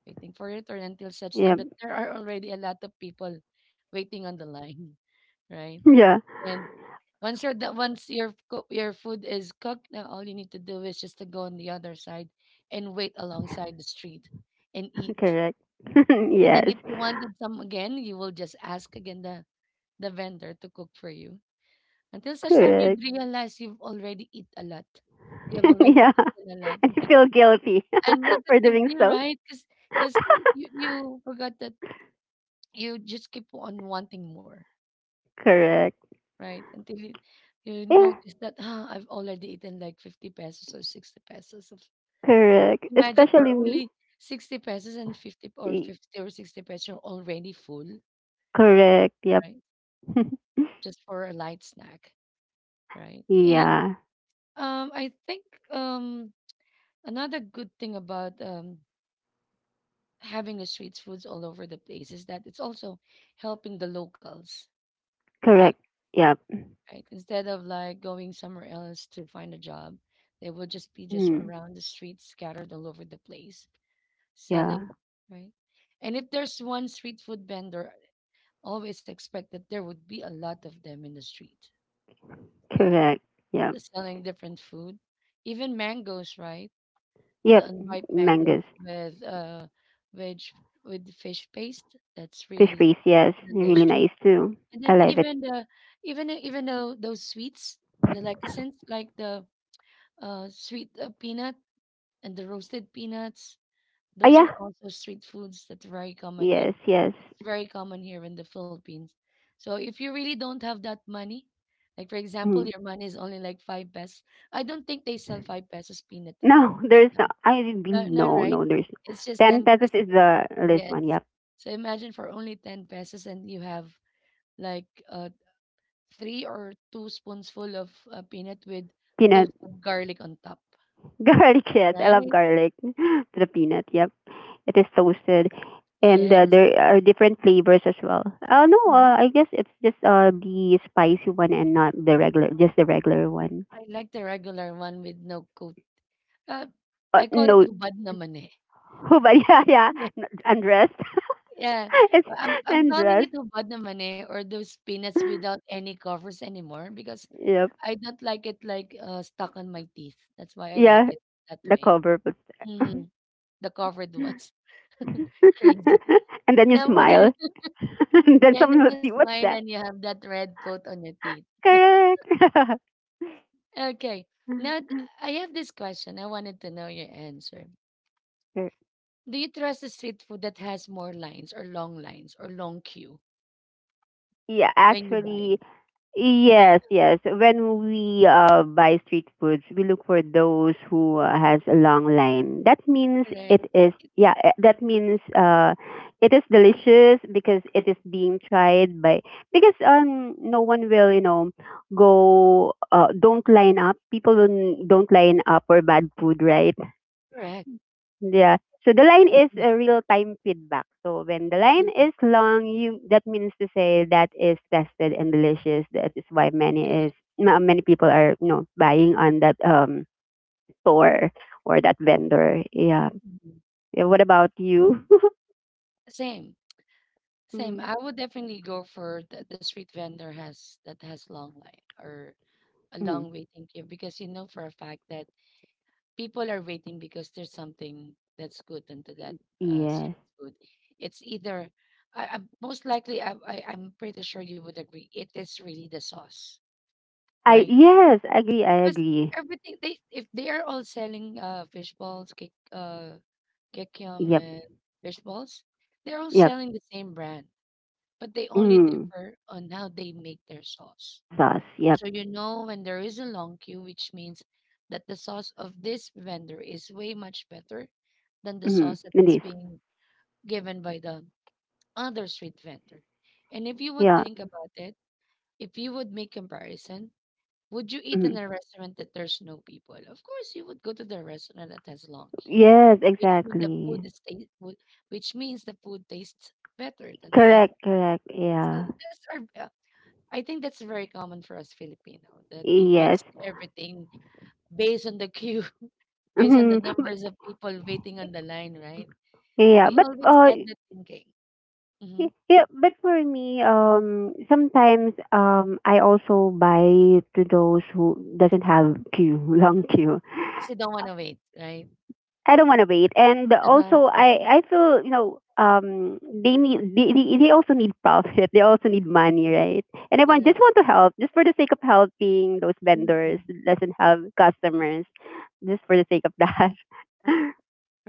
Speaker 1: waiting for your turn until such time
Speaker 2: Yeah.
Speaker 1: that there are already a lot of people waiting on the line, right?
Speaker 2: Yeah.
Speaker 1: And once you're that once your coo- your food is cooked, now all you need to do is just to go on the other side and wait alongside the street and eat.
Speaker 2: Correct.
Speaker 1: And then if
Speaker 2: Yes.
Speaker 1: you wanted some again, you will just ask again the the vendor to cook for you until such time you'd
Speaker 2: Correct.
Speaker 1: realize you've already eat a lot. You have already
Speaker 2: Yeah.
Speaker 1: eaten a lot,
Speaker 2: And you
Speaker 1: right?
Speaker 2: feel guilty
Speaker 1: And
Speaker 2: for
Speaker 1: noticeably,
Speaker 2: doing so.
Speaker 1: right? Because you, you forgot that you just keep on wanting more,
Speaker 2: Correct.
Speaker 1: right? Until you, you
Speaker 2: Yeah.
Speaker 1: notice that, ah, I've already eaten like fifty pesos or sixty pesos. Of-"
Speaker 2: Correct.
Speaker 1: Imagine for
Speaker 2: Especially me.
Speaker 1: only sixty pesos and fifty or fifty or sixty pesos, you're already full,
Speaker 2: Correct. Yep.
Speaker 1: right? Just for a light snack, right? And
Speaker 2: Yeah.
Speaker 1: um, I think um, another good thing about um, having the street foods all over the place is that it's also helping the locals, right?
Speaker 2: Correct. Yep.
Speaker 1: Right. Instead of like going somewhere else to find a job, they will just be just
Speaker 2: Mm.
Speaker 1: around the streets, scattered all over the place, selling,
Speaker 2: Yeah.
Speaker 1: right? And if there's one street food vendor, always expect that there would be a lot of them in the street, right?
Speaker 2: Correct.
Speaker 1: They're
Speaker 2: Yep.
Speaker 1: selling different food, even mangoes, right? The
Speaker 2: Yep.
Speaker 1: unripe mangoes
Speaker 2: Mangoes.
Speaker 1: with uh, veg with fish paste. That's
Speaker 2: Fish
Speaker 1: really
Speaker 2: paste. Yes. Really
Speaker 1: delicious.
Speaker 2: nice too.
Speaker 1: And then
Speaker 2: I love
Speaker 1: even
Speaker 2: it.
Speaker 1: the even the- even though those sweets, the lecithins, like the uh sweet uh, peanut and the roasted peanuts,
Speaker 2: Ah,
Speaker 1: those are
Speaker 2: yeah.
Speaker 1: also street foods that are very common here.
Speaker 2: Yes. Yes.
Speaker 1: It's very common here in the Philippines. So if you really don't have that money, like for example,
Speaker 2: Mm.
Speaker 1: your money is only like five pesos. I don't think they sell five pesos peanut uh,
Speaker 2: No,
Speaker 1: right
Speaker 2: there's
Speaker 1: now.
Speaker 2: no. I didn't
Speaker 1: No,
Speaker 2: believe.
Speaker 1: none,
Speaker 2: No.
Speaker 1: right?
Speaker 2: No. There's
Speaker 1: It's just
Speaker 2: Ten
Speaker 1: ten
Speaker 2: pesos is
Speaker 1: pesos.
Speaker 2: the least
Speaker 1: Yes.
Speaker 2: one. Yep.
Speaker 1: So imagine for only ten pesos and you have like uh three or two spoonsful of uh, peanut with
Speaker 2: Peanut
Speaker 1: toasted garlic on top,
Speaker 2: garlic. Yes. I love
Speaker 1: right?
Speaker 2: garlic. to the peanut. Yep. It is toasted, and uh,
Speaker 1: Yes.
Speaker 2: there are different flavors as well. Uh, no,
Speaker 1: Mhm.
Speaker 2: uh, I guess it's just uh the spicy one and not the regular, just the regular one.
Speaker 1: I like the regular one with no coat. Uh,
Speaker 2: Uh,
Speaker 1: I call
Speaker 2: no,
Speaker 1: it hubad naman eh.
Speaker 2: but yeah, yeah,
Speaker 1: Yeah.
Speaker 2: n- undressed.
Speaker 1: Yeah.
Speaker 2: It's
Speaker 1: Well, I'm, I'm calling
Speaker 2: undressed.
Speaker 1: it hubad naman eh, or those peanuts without any covers anymore because
Speaker 2: Yep.
Speaker 1: I don't like it like uh, stuck on my teeth. That's why I
Speaker 2: Yeah,
Speaker 1: like it that
Speaker 2: the
Speaker 1: way.
Speaker 2: cover was there.
Speaker 1: Mhm. The covered ones. Crazy.
Speaker 2: And then you
Speaker 1: Number,
Speaker 2: smile. And then
Speaker 1: yeah, and
Speaker 2: someone will
Speaker 1: then you
Speaker 2: see what's
Speaker 1: smile
Speaker 2: that.
Speaker 1: and you have that red coat on your teeth.
Speaker 2: Correct.
Speaker 1: Okay. Now th- I have this question. I wanted to know your answer.
Speaker 2: Correct.
Speaker 1: Do you trust a street food that has more lines or long lines or long queue
Speaker 2: Yeah,
Speaker 1: when you buy
Speaker 2: actually,
Speaker 1: it? Yeah,
Speaker 2: yes, yes. When we uh, buy street foods, we look for those who uh, has a long line. That means
Speaker 1: correct.
Speaker 2: it is, yeah, eh, that means uh, it is delicious because it is being tried by, because um no one will, you know go uh, don't line up. People don't don't line up for bad food, right?
Speaker 1: Correct.
Speaker 2: Yeah. So the line is a
Speaker 1: Definitely.
Speaker 2: real-time feedback. So when the line
Speaker 1: Mm,
Speaker 2: is long, you that means to say that is tested and delicious. That is why many is
Speaker 1: correct.
Speaker 2: ma- many people are you know buying on that um store or that vendor. Yeah.
Speaker 1: Mhm.
Speaker 2: Yeah, what about you?
Speaker 1: Same. Same.
Speaker 2: Mm.
Speaker 1: I would definitely go for the, the street vendor has that has long line or a
Speaker 2: Mm.
Speaker 1: long waiting queue, because you know for a fact that people are waiting because there's something that's good into that uh,
Speaker 2: Yes.
Speaker 1: street food. It's either I, I, most likely I, I I'm pretty sure you would agree it is really the sauce,
Speaker 2: I
Speaker 1: right?
Speaker 2: Yes, I agree. I
Speaker 1: Because
Speaker 2: agree.
Speaker 1: everything they if they are all selling uh fish balls, kick uh kikiam
Speaker 2: Yep.
Speaker 1: and fish balls, they're all
Speaker 2: Yep.
Speaker 1: selling the same brand, but they only
Speaker 2: Mm.
Speaker 1: differ on how they make their sauce.
Speaker 2: Sauce. Yep.
Speaker 1: So you know when there is a long queue, which means that the sauce of this vendor is way much better than the
Speaker 2: Mm.
Speaker 1: sauce
Speaker 2: And this.
Speaker 1: that's being given by the other street vendor. And if you would
Speaker 2: Yeah.
Speaker 1: think about it, if you would make comparison, would you eat
Speaker 2: Mm.
Speaker 1: in a restaurant that there's no people? Of course, you would go to the restaurant that has long queue,
Speaker 2: Yes.
Speaker 1: which means the
Speaker 2: Exactly.
Speaker 1: food is taste, which means the food tastes better than the
Speaker 2: Correct.
Speaker 1: other.
Speaker 2: Correct.
Speaker 1: So
Speaker 2: Yeah.
Speaker 1: that's our, uh, I think that's very common for us Filipino that we
Speaker 2: Yes.
Speaker 1: base everything based on the queue, based on
Speaker 2: Mhm.
Speaker 1: the numbers of people waiting on the line, right?
Speaker 2: Yeah,
Speaker 1: We
Speaker 2: but
Speaker 1: always
Speaker 2: uh,
Speaker 1: had that thinking.
Speaker 2: y-
Speaker 1: Mm-hmm.
Speaker 2: yeah, but for me, um, sometimes um, I also buy to those who doesn't have queue, long queue.
Speaker 1: Because you don't
Speaker 2: Uh,
Speaker 1: want to wait, right?
Speaker 2: I don't want to wait, and also
Speaker 1: Same.
Speaker 2: I I feel, you know um they need they, they they also need profit, they also need money, right? And I want just
Speaker 1: Correct.
Speaker 2: want to help, just for the sake of helping those vendors
Speaker 1: Mhm.
Speaker 2: that doesn't have customers, just for the sake of that.
Speaker 1: Mm.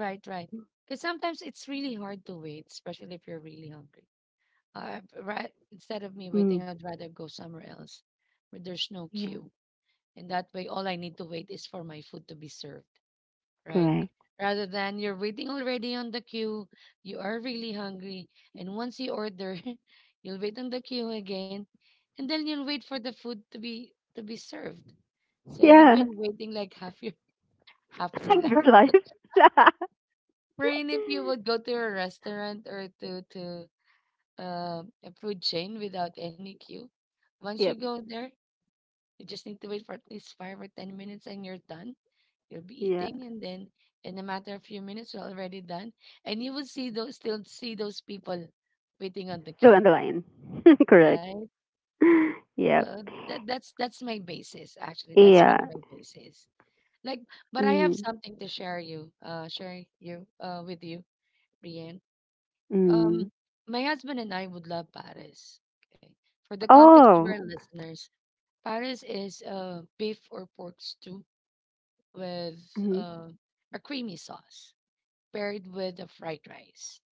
Speaker 1: Right, right. Because sometimes it's really hard to wait, especially if you're really hungry. Uh, right. Instead of me
Speaker 2: Mm,
Speaker 1: waiting, I'd rather go somewhere else where there's no
Speaker 2: yeah,
Speaker 1: queue. And that way, all I need to wait is for my food to be served, right?
Speaker 2: correct.
Speaker 1: Rather than you're waiting already on the queue, you are really hungry, and once you order, you'll wait on the queue again, and then you'll wait for the food to be to be served. So you've
Speaker 2: Yeah.
Speaker 1: been waiting like half your half your life.
Speaker 2: your life.
Speaker 1: Wherein if you would go to a restaurant or to to uh, a food chain without any queue, once you
Speaker 2: Yep.
Speaker 1: go there, you just need to wait for at least five or ten minutes and you're done. You'll be
Speaker 2: Yeah.
Speaker 1: eating, and then in a matter of few minutes you're already done. And you will see those still see those people waiting on the
Speaker 2: Still
Speaker 1: queue.
Speaker 2: underline. Correct.
Speaker 1: Right?
Speaker 2: Yep.
Speaker 1: So that, that's that's my basis actually. That's
Speaker 2: Yeah.
Speaker 1: really my basis. Like, but I have
Speaker 2: Mm.
Speaker 1: something to share you, uh share you uh with you, Brian.
Speaker 2: Mm.
Speaker 1: Um my husband and I would love Paris. Okay. For the context of our
Speaker 2: Oh.
Speaker 1: listeners, Paris is uh, beef or pork stew with
Speaker 2: Mm.
Speaker 1: uh, a creamy sauce paired with a fried rice.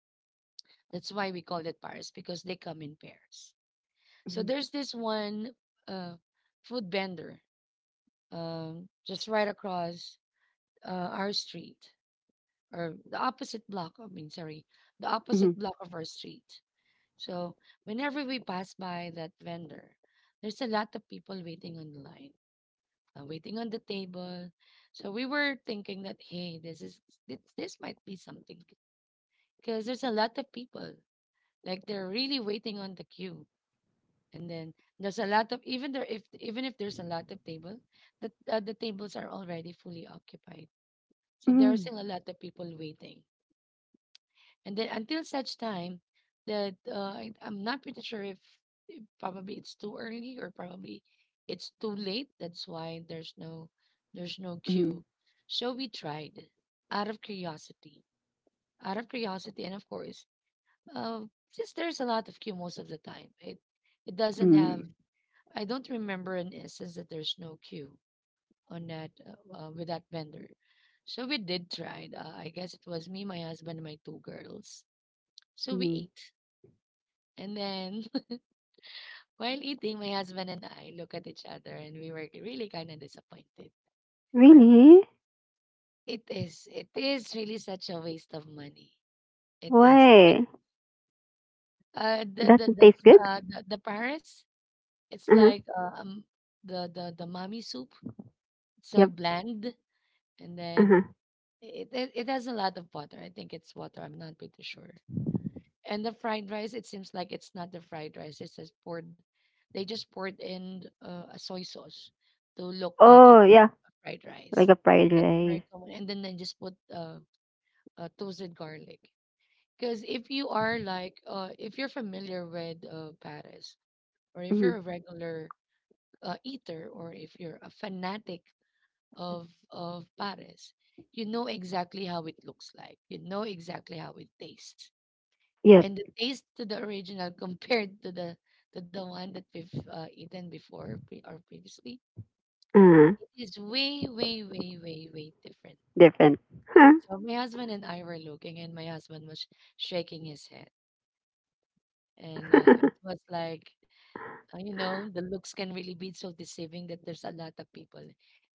Speaker 1: That's why we call it pairs because they come in pairs. So
Speaker 2: Mm.
Speaker 1: there's this one uh, food vendor, um, just right across uh, our street or the opposite block. I mean, sorry, the
Speaker 2: Mm.
Speaker 1: opposite block of our street. So whenever we pass by that vendor, there's a lot of people waiting online, uh, waiting on the table. So we were thinking that, hey, this is this, this might be something because there's a lot of people, like, they're really waiting on the queue, and then there's a lot of even there if even if there's a lot of table, the uh, the tables are already fully occupied. So there are
Speaker 2: Mm.
Speaker 1: still a lot of people waiting. And then until such time that uh, I, I'm not pretty sure if, if probably it's too early or probably it's too late. That's why there's no there's no
Speaker 2: Mm.
Speaker 1: queue. So we tried out of curiosity, out of curiosity, and of course, uh, since there's a lot of queue most of the time, it it doesn't
Speaker 2: Mm.
Speaker 1: have. I don't remember an instance that there's no queue on that uh, uh, with that vendor. So we did try. Uh, I guess it was me, my husband, and my two girls. So we
Speaker 2: Mm.
Speaker 1: ate. And then while eating, my husband and I look at each other and we were really kind of disappointed.
Speaker 2: Really?
Speaker 1: It is, it is really such a waste of money. It is just,
Speaker 2: Why?
Speaker 1: uh, the, the,
Speaker 2: Doesn't
Speaker 1: the,
Speaker 2: taste
Speaker 1: s-
Speaker 2: good?
Speaker 1: uh, the, the Paris, it's
Speaker 2: Uh
Speaker 1: like,
Speaker 2: huh.
Speaker 1: uh, um, the, the, the mommy soup.
Speaker 2: Yep.
Speaker 1: So bland. And
Speaker 2: Uh
Speaker 1: then
Speaker 2: huh.
Speaker 1: it, it, it has a lot of water. I think it's water. I'm not pretty sure. And the fried rice, it seems like it's not the fried rice. It's just poured. They just poured in uh, a soy sauce to look like
Speaker 2: Oh
Speaker 1: it's
Speaker 2: yeah.
Speaker 1: a fried
Speaker 2: Like
Speaker 1: rice.
Speaker 2: a fried
Speaker 1: That's
Speaker 2: rice.
Speaker 1: very common. And then they just put uh, uh, toasted garlic. Because if you are like, uh, if you're familiar with uh, Paris, or if
Speaker 2: Mm.
Speaker 1: you're a regular uh, eater, or if you're a fanatic of of Paris, you know exactly how it looks like. You know exactly how it tastes,
Speaker 2: Yep.
Speaker 1: and the taste to the original compared to the to the one that we've uh, eaten before pre- or previously,
Speaker 2: Uh huh.
Speaker 1: it is way way way way way different.
Speaker 2: Different. Huh.
Speaker 1: So my husband and I were looking and my husband was shaking his head, and uh, it was like, uh, you know, the looks can really be so deceiving that there's a lot of people,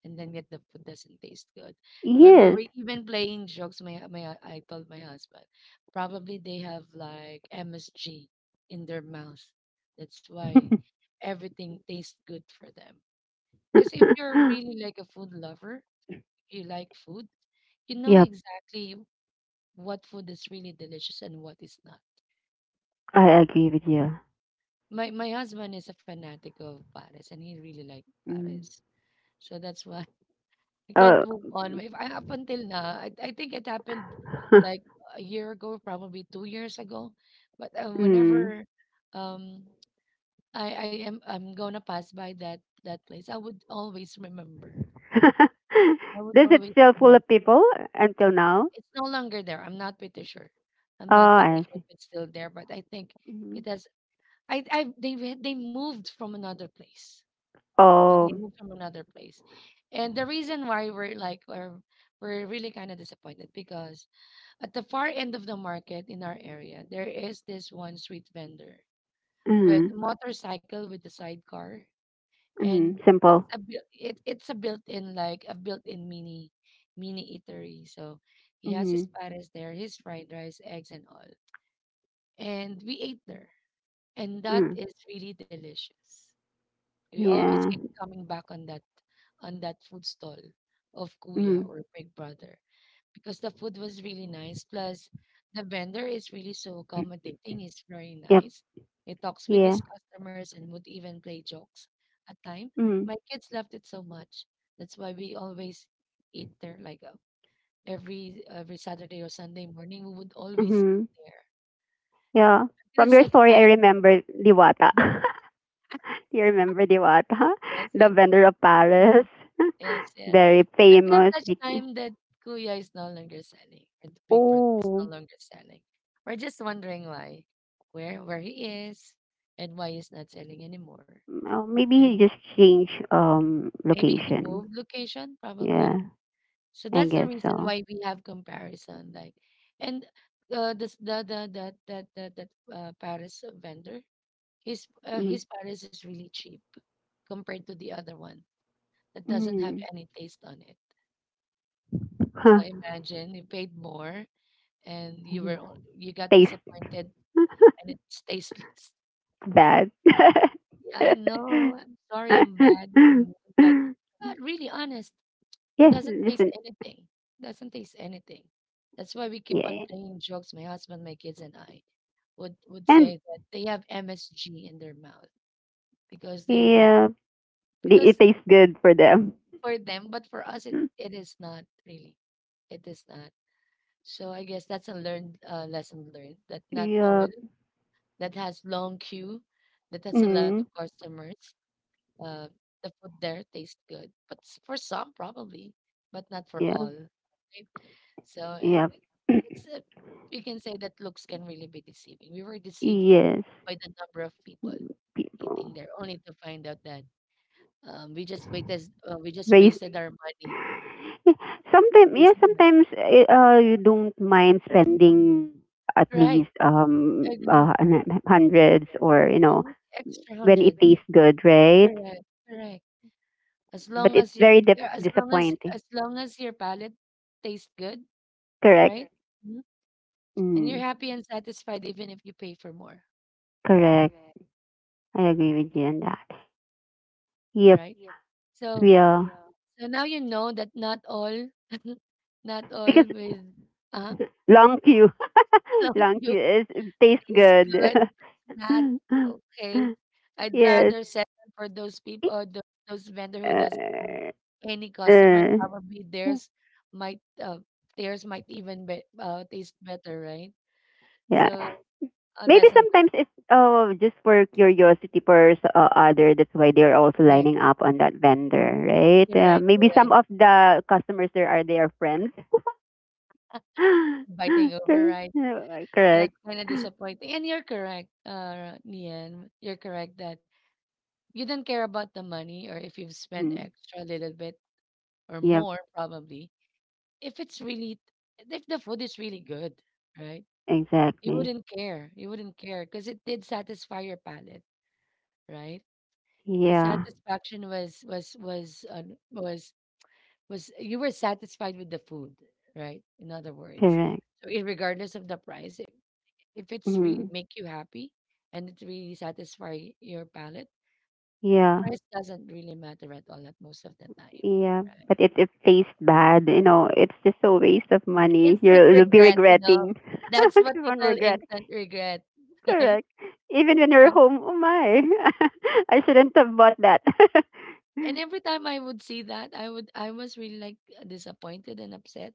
Speaker 1: and then yet the food doesn't taste good. We we
Speaker 2: Yes.
Speaker 1: were even playing jokes. My my uh, I told my husband, probably they have like M S G in their mouth. That's why everything tastes good for them. Because if you're really like a food lover, if you like food, you know
Speaker 2: Yep.
Speaker 1: exactly what food is really delicious and what is not.
Speaker 2: I agree with you.
Speaker 1: My my husband is a fanatic of pares, and he really liked
Speaker 2: Mm.
Speaker 1: pares. So that's why I can't
Speaker 2: Uh,
Speaker 1: move on. If I Up until now, I, I think it happened like a year ago, probably two years ago. But uh,
Speaker 2: mm.
Speaker 1: whenever um I I am I'm gonna pass by that that place, I would always remember. I would
Speaker 2: Does it
Speaker 1: always
Speaker 2: still full of
Speaker 1: remember.
Speaker 2: people until now?
Speaker 1: It's no longer there. I'm not pretty sure. I'm
Speaker 2: Oh,
Speaker 1: not pretty
Speaker 2: I
Speaker 1: sure
Speaker 2: see.
Speaker 1: if it's still there, but I think
Speaker 2: Mhm.
Speaker 1: it has. I I they they moved from another place. Uh, they
Speaker 2: Oh,
Speaker 1: moved from another place. And the reason why we're like we're, we're really kind of disappointed because at the far end of the market in our area, there is this one street vendor with a
Speaker 2: mm,
Speaker 1: motorcycle with a sidecar, and
Speaker 2: mm,
Speaker 1: it's
Speaker 2: simple.
Speaker 1: a buil- it, it's a built-in, like a built-in mini mini eatery. So he has
Speaker 2: Mm,
Speaker 1: his pares there, his fried rice, eggs and all. And we ate there. And that
Speaker 2: mm,
Speaker 1: is really delicious. We always
Speaker 2: yeah.
Speaker 1: keep coming back on that on that food stall of Kuya
Speaker 2: Mm,
Speaker 1: or Big Brother, because the food was really nice. Plus, the vendor is really so accommodating. He's very
Speaker 2: yep.
Speaker 1: nice. He talks with
Speaker 2: Yeah.
Speaker 1: his customers and would even play jokes at time.
Speaker 2: Mm,
Speaker 1: My kids loved it so much. That's why we always eat there. Like, uh, every every Saturday or Sunday morning, we would always eat
Speaker 2: mm-hmm.
Speaker 1: there
Speaker 2: Yeah.
Speaker 1: until
Speaker 2: From your
Speaker 1: such
Speaker 2: story, I
Speaker 1: time.
Speaker 2: remember Diwata.
Speaker 1: Mhm.
Speaker 2: You remember Diwata,
Speaker 1: Yes,
Speaker 2: the
Speaker 1: yes.
Speaker 2: vendor of
Speaker 1: Yes.
Speaker 2: Paris.
Speaker 1: Yes, yes.
Speaker 2: Very
Speaker 1: Until
Speaker 2: famous.
Speaker 1: such
Speaker 2: be-
Speaker 1: time that Kuya is no longer selling, or the Big Brother is no
Speaker 2: Oh,
Speaker 1: longer selling. We're just wondering why, where where he is, and why he's not selling anymore.
Speaker 2: oh, maybe
Speaker 1: And
Speaker 2: he just changed um
Speaker 1: maybe he
Speaker 2: location.
Speaker 1: moved location, probably.
Speaker 2: Yeah,
Speaker 1: So
Speaker 2: I
Speaker 1: that's the
Speaker 2: guess
Speaker 1: reason
Speaker 2: so.
Speaker 1: why we have comparison, like, and uh, this the the the that that that uh, Paris vendor, his uh,
Speaker 2: Mm-hmm.
Speaker 1: his Paris is really cheap compared to the other one that doesn't have
Speaker 2: Mm.
Speaker 1: any taste on it.
Speaker 2: Huh.
Speaker 1: So imagine you paid more and you were o- you got
Speaker 2: Taste
Speaker 1: disappointed and it's tasteless.
Speaker 2: bad.
Speaker 1: Yeah, I know. I'm sorry, I'm bad. I mean, but uh, really honest, it
Speaker 2: Yes,
Speaker 1: doesn't taste
Speaker 2: listen.
Speaker 1: anything. Doesn't taste anything. That's why we keep
Speaker 2: Yeah,
Speaker 1: on
Speaker 2: yeah.
Speaker 1: playing jokes. My husband, my kids, and I would would
Speaker 2: And
Speaker 1: say that they have M S G in their mouth because they were,
Speaker 2: yeah, it,
Speaker 1: because
Speaker 2: it tastes good for them.
Speaker 1: for them, but for us, it it is not really. It is not. So I guess that's a learned uh, lesson learned that not all
Speaker 2: Yeah.
Speaker 1: that has long queue, that has a lot of
Speaker 2: Mm.
Speaker 1: customers. Uh, the food there tastes good, but s- for some probably, but not for
Speaker 2: Yeah.
Speaker 1: all. Right? So uh,
Speaker 2: Yeah.
Speaker 1: it's a, you can say that looks can really be deceiving. We were deceived
Speaker 2: Yes,
Speaker 1: by the number of people eating
Speaker 2: people.
Speaker 1: there, only to find out that, um, we just waited, uh, we just
Speaker 2: Raise
Speaker 1: wasted our money. A
Speaker 2: Sometimes, yeah,
Speaker 1: waste of money.
Speaker 2: sometimes eh, uh you don't mind spending at
Speaker 1: Right,
Speaker 2: least um
Speaker 1: agree.
Speaker 2: uh hun- hundreds, or you know
Speaker 1: Mhm. Extra
Speaker 2: when it
Speaker 1: hundred.
Speaker 2: tastes good, right?
Speaker 1: Correct, correct. As long
Speaker 2: But it's
Speaker 1: as your
Speaker 2: very dip-
Speaker 1: Yeah. As long as
Speaker 2: disappointing.
Speaker 1: as long as your palate tastes good,
Speaker 2: Correct.
Speaker 1: right? Correct. Mhm. And you're
Speaker 2: Mm,
Speaker 1: happy and satisfied even if you pay for more,
Speaker 2: correct. I agree with you on that. Yep.
Speaker 1: right? Yep. So
Speaker 2: Yeah.
Speaker 1: so now you know that not all not all
Speaker 2: Because
Speaker 1: with uh
Speaker 2: long queue,
Speaker 1: long
Speaker 2: long
Speaker 1: queue
Speaker 2: queue is it tastes
Speaker 1: is
Speaker 2: good.
Speaker 1: good. Not okay. I'd
Speaker 2: Yes.
Speaker 1: rather settle for those people or those, those vendor who doesn't have
Speaker 2: Uh,
Speaker 1: any customer.
Speaker 2: uh,
Speaker 1: Probably theirs might uh theirs might even be uh taste better, right?
Speaker 2: yeah.
Speaker 1: So a
Speaker 2: Maybe
Speaker 1: lesson
Speaker 2: sometimes
Speaker 1: learned.
Speaker 2: it's oh just for curiosity for s- uh, other. That's why they're also
Speaker 1: Right?
Speaker 2: lining up on that vendor,
Speaker 1: Mm.
Speaker 2: right?
Speaker 1: You're
Speaker 2: Uh,
Speaker 1: right, you're
Speaker 2: maybe some
Speaker 1: right.
Speaker 2: of the customers there are their friends.
Speaker 1: Biting over,
Speaker 2: Correct.
Speaker 1: right?
Speaker 2: Yeah,
Speaker 1: And
Speaker 2: correct.
Speaker 1: that's kind of disappointing. And you're correct, uh, Nian. You're correct that you don't care about the money, or if you've spent
Speaker 2: Mhm.
Speaker 1: extra a little bit or
Speaker 2: Yep,
Speaker 1: more, probably. If it's really, if the food is really good, right? You
Speaker 2: exactly.
Speaker 1: wouldn't care. You wouldn't care because it did satisfy your palate, right? The
Speaker 2: Yeah,
Speaker 1: satisfaction was, was, was, uh, was, was, you were satisfied with the food, right? In other words.
Speaker 2: correct.
Speaker 1: So, irregardless of the price, if it's really
Speaker 2: Mhm.
Speaker 1: make you happy and it really satisfy your palate,
Speaker 2: Yeah,
Speaker 1: price doesn't really matter at all at most of the time.
Speaker 2: yeah.
Speaker 1: Right.
Speaker 2: But it it tastes bad, you know. It's just a waste of money.
Speaker 1: Instant
Speaker 2: You'll you'll be
Speaker 1: regret, you know.
Speaker 2: regretting.
Speaker 1: That's what
Speaker 2: Keep
Speaker 1: you
Speaker 2: on
Speaker 1: call
Speaker 2: regret.
Speaker 1: instant regret, right?
Speaker 2: Correct. Even when you're
Speaker 1: And
Speaker 2: home, oh my. I shouldn't have bought that.
Speaker 1: and every time I would see that, I would I was really like disappointed and upset.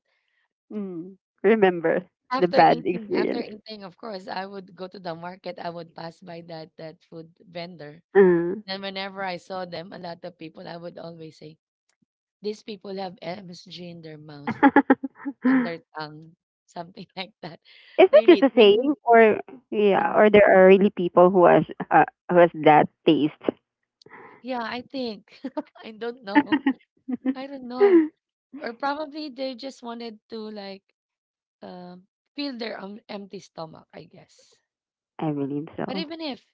Speaker 2: Mm. Remember the
Speaker 1: After
Speaker 2: bad
Speaker 1: eating, after
Speaker 2: experience.
Speaker 1: eating, of course, I would go to the market. I would pass by that that food vendor.
Speaker 2: Mm.
Speaker 1: And whenever I saw them, a lot of people, I would always say, "These people have M S G in their mouth." On their tongue, something like that.
Speaker 2: Is it
Speaker 1: Really,
Speaker 2: just
Speaker 1: it
Speaker 2: a
Speaker 1: really.
Speaker 2: saying, or yeah,
Speaker 1: Mhm.
Speaker 2: or there are really people who has uh, who has that taste?
Speaker 1: Yeah, I think. I don't know. I don't know. Or probably they just wanted to like um fill their um, empty stomach, I guess.
Speaker 2: I believe
Speaker 1: But
Speaker 2: so.
Speaker 1: even if,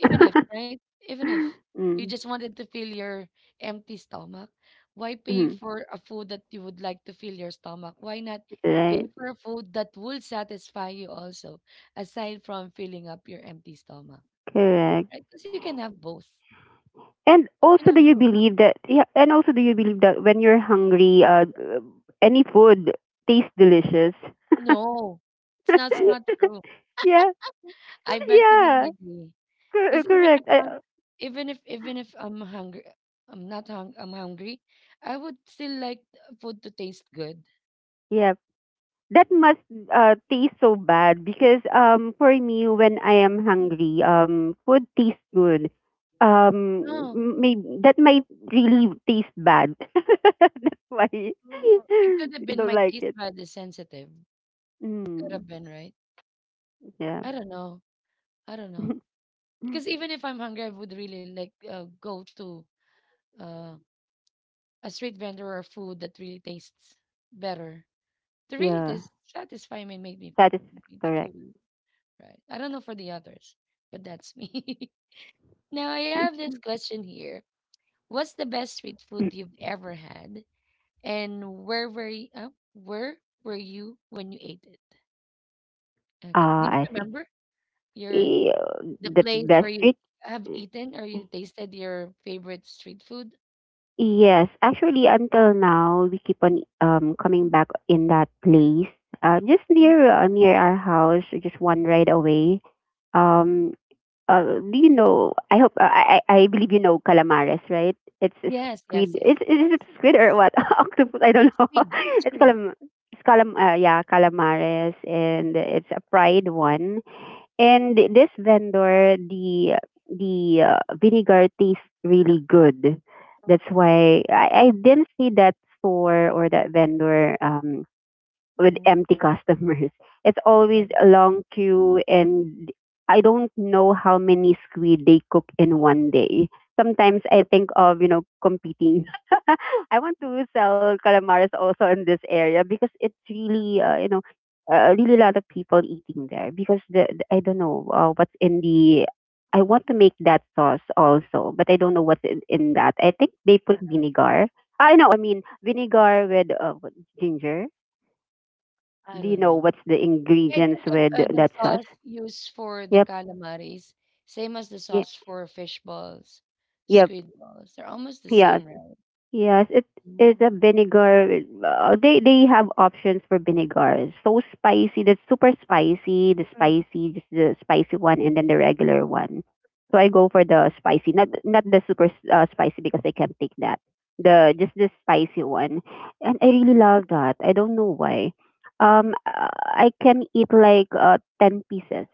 Speaker 1: even if, right? Even if you
Speaker 2: Mm.
Speaker 1: just wanted to fill your empty stomach, why pay
Speaker 2: Mm.
Speaker 1: for a food that you would like to fill your stomach? Why not pay
Speaker 2: Right.
Speaker 1: for a food that will satisfy you also, aside from filling up your empty stomach,
Speaker 2: Correct.
Speaker 1: right? Because you can have both.
Speaker 2: And
Speaker 1: You can
Speaker 2: also do
Speaker 1: have
Speaker 2: you
Speaker 1: both.
Speaker 2: believe that yeah, and also do you believe that when you're hungry, uh, any food tastes delicious?
Speaker 1: No, it's not it's not true.
Speaker 2: Yeah.
Speaker 1: I beg to
Speaker 2: Yeah.
Speaker 1: disagree.
Speaker 2: Cor-
Speaker 1: Because even if
Speaker 2: correct.
Speaker 1: I'm
Speaker 2: I,
Speaker 1: even if even if I'm hungry, I'm not hung I'm hungry, I would still like uh, food to taste good.
Speaker 2: yeah, that must uh, taste so bad because um for me when I am hungry um food tastes good. Um
Speaker 1: No,
Speaker 2: maybe that might really taste bad. That's why
Speaker 1: uh, it could have
Speaker 2: you
Speaker 1: been
Speaker 2: don't
Speaker 1: my
Speaker 2: like
Speaker 1: taste
Speaker 2: it.
Speaker 1: bud is sensitive. Could
Speaker 2: Mm,
Speaker 1: have been, right?
Speaker 2: yeah.
Speaker 1: I don't know. I don't know. Because even if I'm hungry, I would really like uh, go to uh, a street vendor or food that really tastes better. They really
Speaker 2: Yeah,
Speaker 1: does satisfy me and make me,
Speaker 2: that is
Speaker 1: f- me
Speaker 2: correct.
Speaker 1: full, right? I don't know for the others, but that's me. Now I have this question here. What's the best street food you've ever had? And where were you, uh, where were you when you ate it? Okay. Do
Speaker 2: Ah,
Speaker 1: you
Speaker 2: I see.
Speaker 1: remember your
Speaker 2: Eh,
Speaker 1: the
Speaker 2: the
Speaker 1: place
Speaker 2: best
Speaker 1: where you
Speaker 2: treat.
Speaker 1: have eaten or you tasted your favorite street food?
Speaker 2: Yes, actually, until now, we keep on um coming back in that place. Uh, just
Speaker 1: Mhm.
Speaker 2: near uh, Near our house, just one ride away. Um, uh, do you know? I hope uh, I I I believe you know calamares, right? It's a
Speaker 1: Yes, yes,
Speaker 2: squid.
Speaker 1: yes,
Speaker 2: It's
Speaker 1: of
Speaker 2: Is it
Speaker 1: course, of
Speaker 2: squid or
Speaker 1: course.
Speaker 2: what? Octopus? I don't know.
Speaker 1: Squid,
Speaker 2: It's
Speaker 1: squid.
Speaker 2: calam. It's calam. Uh, yeah, calamares, and it's a fried one. And th- this vendor, the the uh, vinegar tastes really good. That's why I, I didn't see that store or that vendor um with empty customers. It's always
Speaker 1: Right.
Speaker 2: a long queue, and I don't know how many squid they cook in one day. Sometimes I think of, you know, competing. I want to sell calamares also in this area because it's really, uh, you know, uh, really a lot of people eating there because the, the I don't know uh, what's in the. I want to make that sauce also, but I don't know what's in, in that. I think they
Speaker 1: I
Speaker 2: put vinegar. I know, I mean vinegar with uh, what, ginger.
Speaker 1: don't I
Speaker 2: Do you
Speaker 1: don't
Speaker 2: know
Speaker 1: know.
Speaker 2: what's the
Speaker 1: I
Speaker 2: ingredients
Speaker 1: think of
Speaker 2: with
Speaker 1: uh, the
Speaker 2: that sauce?
Speaker 1: sauce used for the
Speaker 2: Yep.
Speaker 1: calamaris, same as the
Speaker 2: Yep.
Speaker 1: sauce for fish balls,
Speaker 2: Yep.
Speaker 1: squid balls. They're almost the
Speaker 2: Yes.
Speaker 1: same, right?
Speaker 2: Yes. It is a
Speaker 1: Mm.
Speaker 2: vinegar. Uh, they they have options for vinegars. So spicy, the super spicy, the
Speaker 1: Mm,
Speaker 2: spicy, just the spicy one, and then the regular one. So I go for the spicy, not not the super uh, spicy because I can't take that. The
Speaker 1: right.
Speaker 2: Just the spicy one, and I really love that. I don't know why. Um, uh, I can eat like uh, ten pieces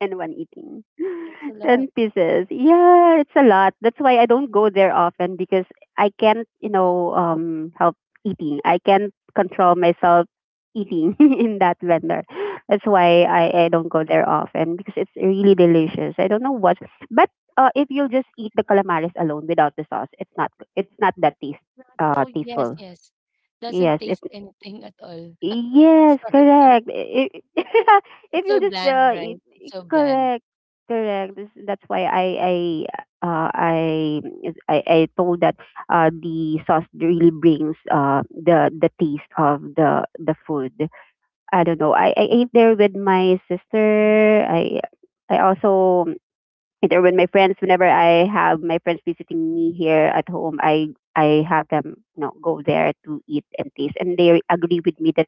Speaker 2: in one eating.
Speaker 1: That's a
Speaker 2: ten
Speaker 1: lot.
Speaker 2: pieces. Yeah, it's a lot. That's why I don't go there often because I can't, you know, um help eating. I can't control myself eating in that vendor. That's why I, I don't go there often because it's really delicious. I don't know what. But uh, if you just eat the calamaris alone without the sauce, it's not it's not that taste
Speaker 1: Not,
Speaker 2: uh
Speaker 1: oh, yes,
Speaker 2: tasteful.
Speaker 1: yes. Doesn't
Speaker 2: Yes, it's
Speaker 1: taste anything at all.
Speaker 2: Yes,
Speaker 1: Sorry, sorry.
Speaker 2: correct. I- i- If
Speaker 1: It's
Speaker 2: you
Speaker 1: so
Speaker 2: just
Speaker 1: bland,
Speaker 2: uh, i-
Speaker 1: right? It's
Speaker 2: i-
Speaker 1: so bland.
Speaker 2: correct, correct. This, that's why I I uh, I I I told that uh, the sauce really brings uh, the the taste of the the food. I don't know. I, I ate there with my
Speaker 1: Mhm.
Speaker 2: sister. I I also. And or when my friends whenever I have my friends visiting me here at home, i i have them, you know go there to eat and taste, and they agree with me that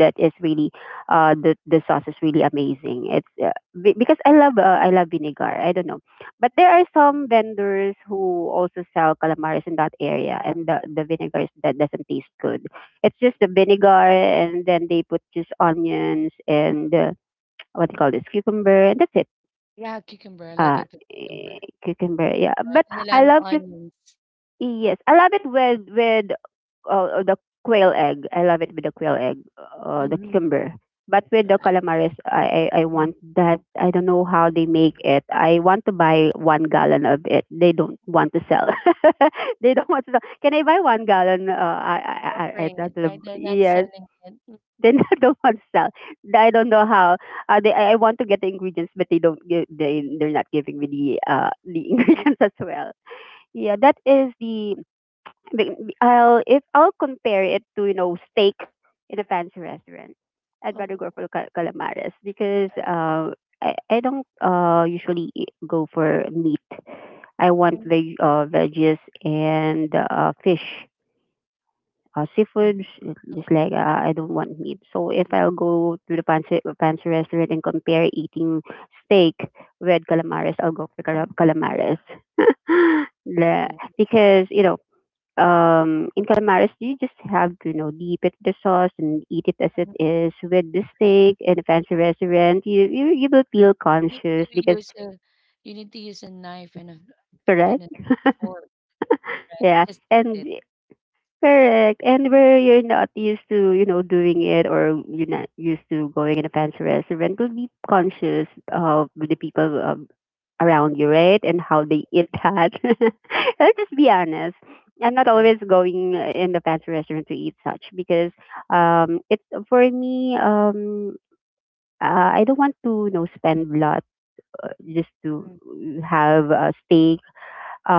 Speaker 2: that is really, uh the the sauce is really amazing. It's uh, be- because i love uh, I love vinegar. I don't know. But there are some vendors who also sell calamaris in that area, and the the vinegar is, that doesn't taste good. It's just the vinegar, and then they put just onions and uh, what do you call this, cucumber, and that's it.
Speaker 1: Yeah, cucumber. I like
Speaker 2: uh
Speaker 1: it with
Speaker 2: eh,
Speaker 1: cucumber,
Speaker 2: Cucumber, yeah,
Speaker 1: right?
Speaker 2: but
Speaker 1: And a lot
Speaker 2: i
Speaker 1: of
Speaker 2: love cuc
Speaker 1: onions.
Speaker 2: yes, i love it with with uh, the quail egg. I love it with the quail egg, uh, the
Speaker 1: Mm-hmm.
Speaker 2: cucumber. But with the
Speaker 1: Right.
Speaker 2: calamaris, I, I i
Speaker 1: Mm.
Speaker 2: want that. I don't know how they make it. I want to buy one gallon of it. They don't want to sell. They don't want to sell. Can I buy one gallon? uh i i i,
Speaker 1: Offering
Speaker 2: I
Speaker 1: it,
Speaker 2: I-
Speaker 1: right? They're not
Speaker 2: yes.
Speaker 1: selling it. Mm.
Speaker 2: They don't want to sell. I don't know how. Uh, they I I want to get the ingredients, but they don't. Give, they they're not giving me the uh the ingredients as well. Yeah, that is the. the- I'll if I'll compare it to you know steak in a fancy restaurant. I'd rather
Speaker 1: Oh,
Speaker 2: go for cal- calamares because
Speaker 1: okay.
Speaker 2: uh I, I don't uh usually eat- go for meat. I want
Speaker 1: Mm,
Speaker 2: veg uh veggies and uh fish, uh, seafood. sh- Just
Speaker 1: okay.
Speaker 2: like uh, I don't want meat. So if
Speaker 1: Mm,
Speaker 2: I'll go to the fancy fancy restaurant and compare eating steak with calamares, I'll go for cala-
Speaker 1: mm,
Speaker 2: calamares. The-
Speaker 1: nice.
Speaker 2: because you know, um, in calamares you just have to you know dip it the sauce and eat it as it
Speaker 1: Mhm.
Speaker 2: is with the
Speaker 1: Correct.
Speaker 2: steak in a fancy restaurant. You you you will feel
Speaker 1: You need
Speaker 2: conscious
Speaker 1: to
Speaker 2: because.
Speaker 1: use a you need to use a knife and a and
Speaker 2: Correct,
Speaker 1: a fork, right?
Speaker 2: yeah,
Speaker 1: Just to eat
Speaker 2: and
Speaker 1: it,
Speaker 2: correct. And where you're not used to, you know, doing it, or you're not used to going in a fancy restaurant, will be conscious of the people, um, around you, right? And how they eat that. I'll just be honest. I'm not
Speaker 1: right?
Speaker 2: always going in the fancy restaurant to eat such, because um it's for me, um uh, I don't want to you know spend a lot just to
Speaker 1: Mm.
Speaker 2: have a steak.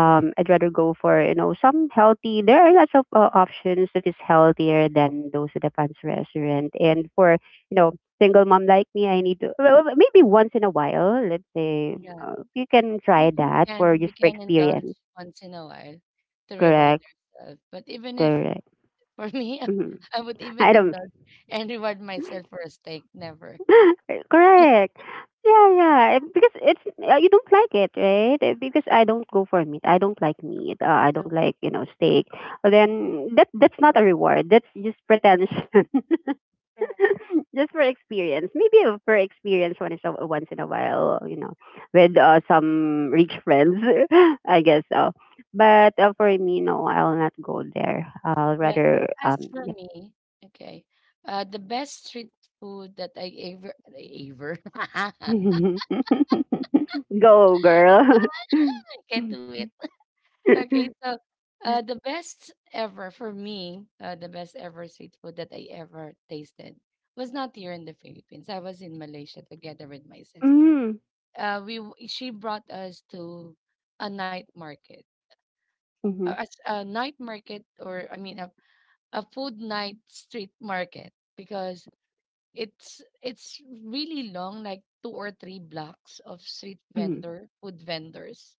Speaker 1: Right.
Speaker 2: I'd rather go for you know some healthy. There are lots of uh, options that is healthier than those at the fancy restaurant. And for you know single mom like me, I need to, well, well, maybe once in a while. Let's say
Speaker 1: Yeah.
Speaker 2: uh, you can try
Speaker 1: We, we
Speaker 2: that, for
Speaker 1: can we
Speaker 2: just for
Speaker 1: can indulge
Speaker 2: experience.
Speaker 1: once in a while to reward
Speaker 2: Correct,
Speaker 1: ourselves. But even if
Speaker 2: correct.
Speaker 1: for me
Speaker 2: Hmm,
Speaker 1: I would even
Speaker 2: I don't.
Speaker 1: indulge and reward myself for a steak. Never.
Speaker 2: Correct. Yeah, yeah. eh, Because it's, uh, you don't like it, right? Eh, Because I don't go for meat. I don't like meat. Uh, I
Speaker 1: So,
Speaker 2: don't like you know steak. But then that that's not a reward. That's just pretension. Just for experience. Maybe a- for experience once in a once in a while. You know, with uh, some rich friends, I guess so. But, uh, for me, no, I'll not go there. I'll
Speaker 1: well,
Speaker 2: rather
Speaker 1: as
Speaker 2: um.
Speaker 1: for me, okay, uh, the best street food that I ever, I ever, I
Speaker 2: Go, girl.
Speaker 1: can do it. Okay,
Speaker 2: Mhm.
Speaker 1: so uh, the best ever for me, uh, the best ever street food that I ever tasted was not here in the Philippines. I was in Malaysia together with my sister. Uh, we w- She brought us to a night market, a,
Speaker 2: Mhm.
Speaker 1: a s- a night market, or I mean a, a food night street market because it's it's really long, like two or three blocks of street
Speaker 2: Mhm.
Speaker 1: vendor food vendors.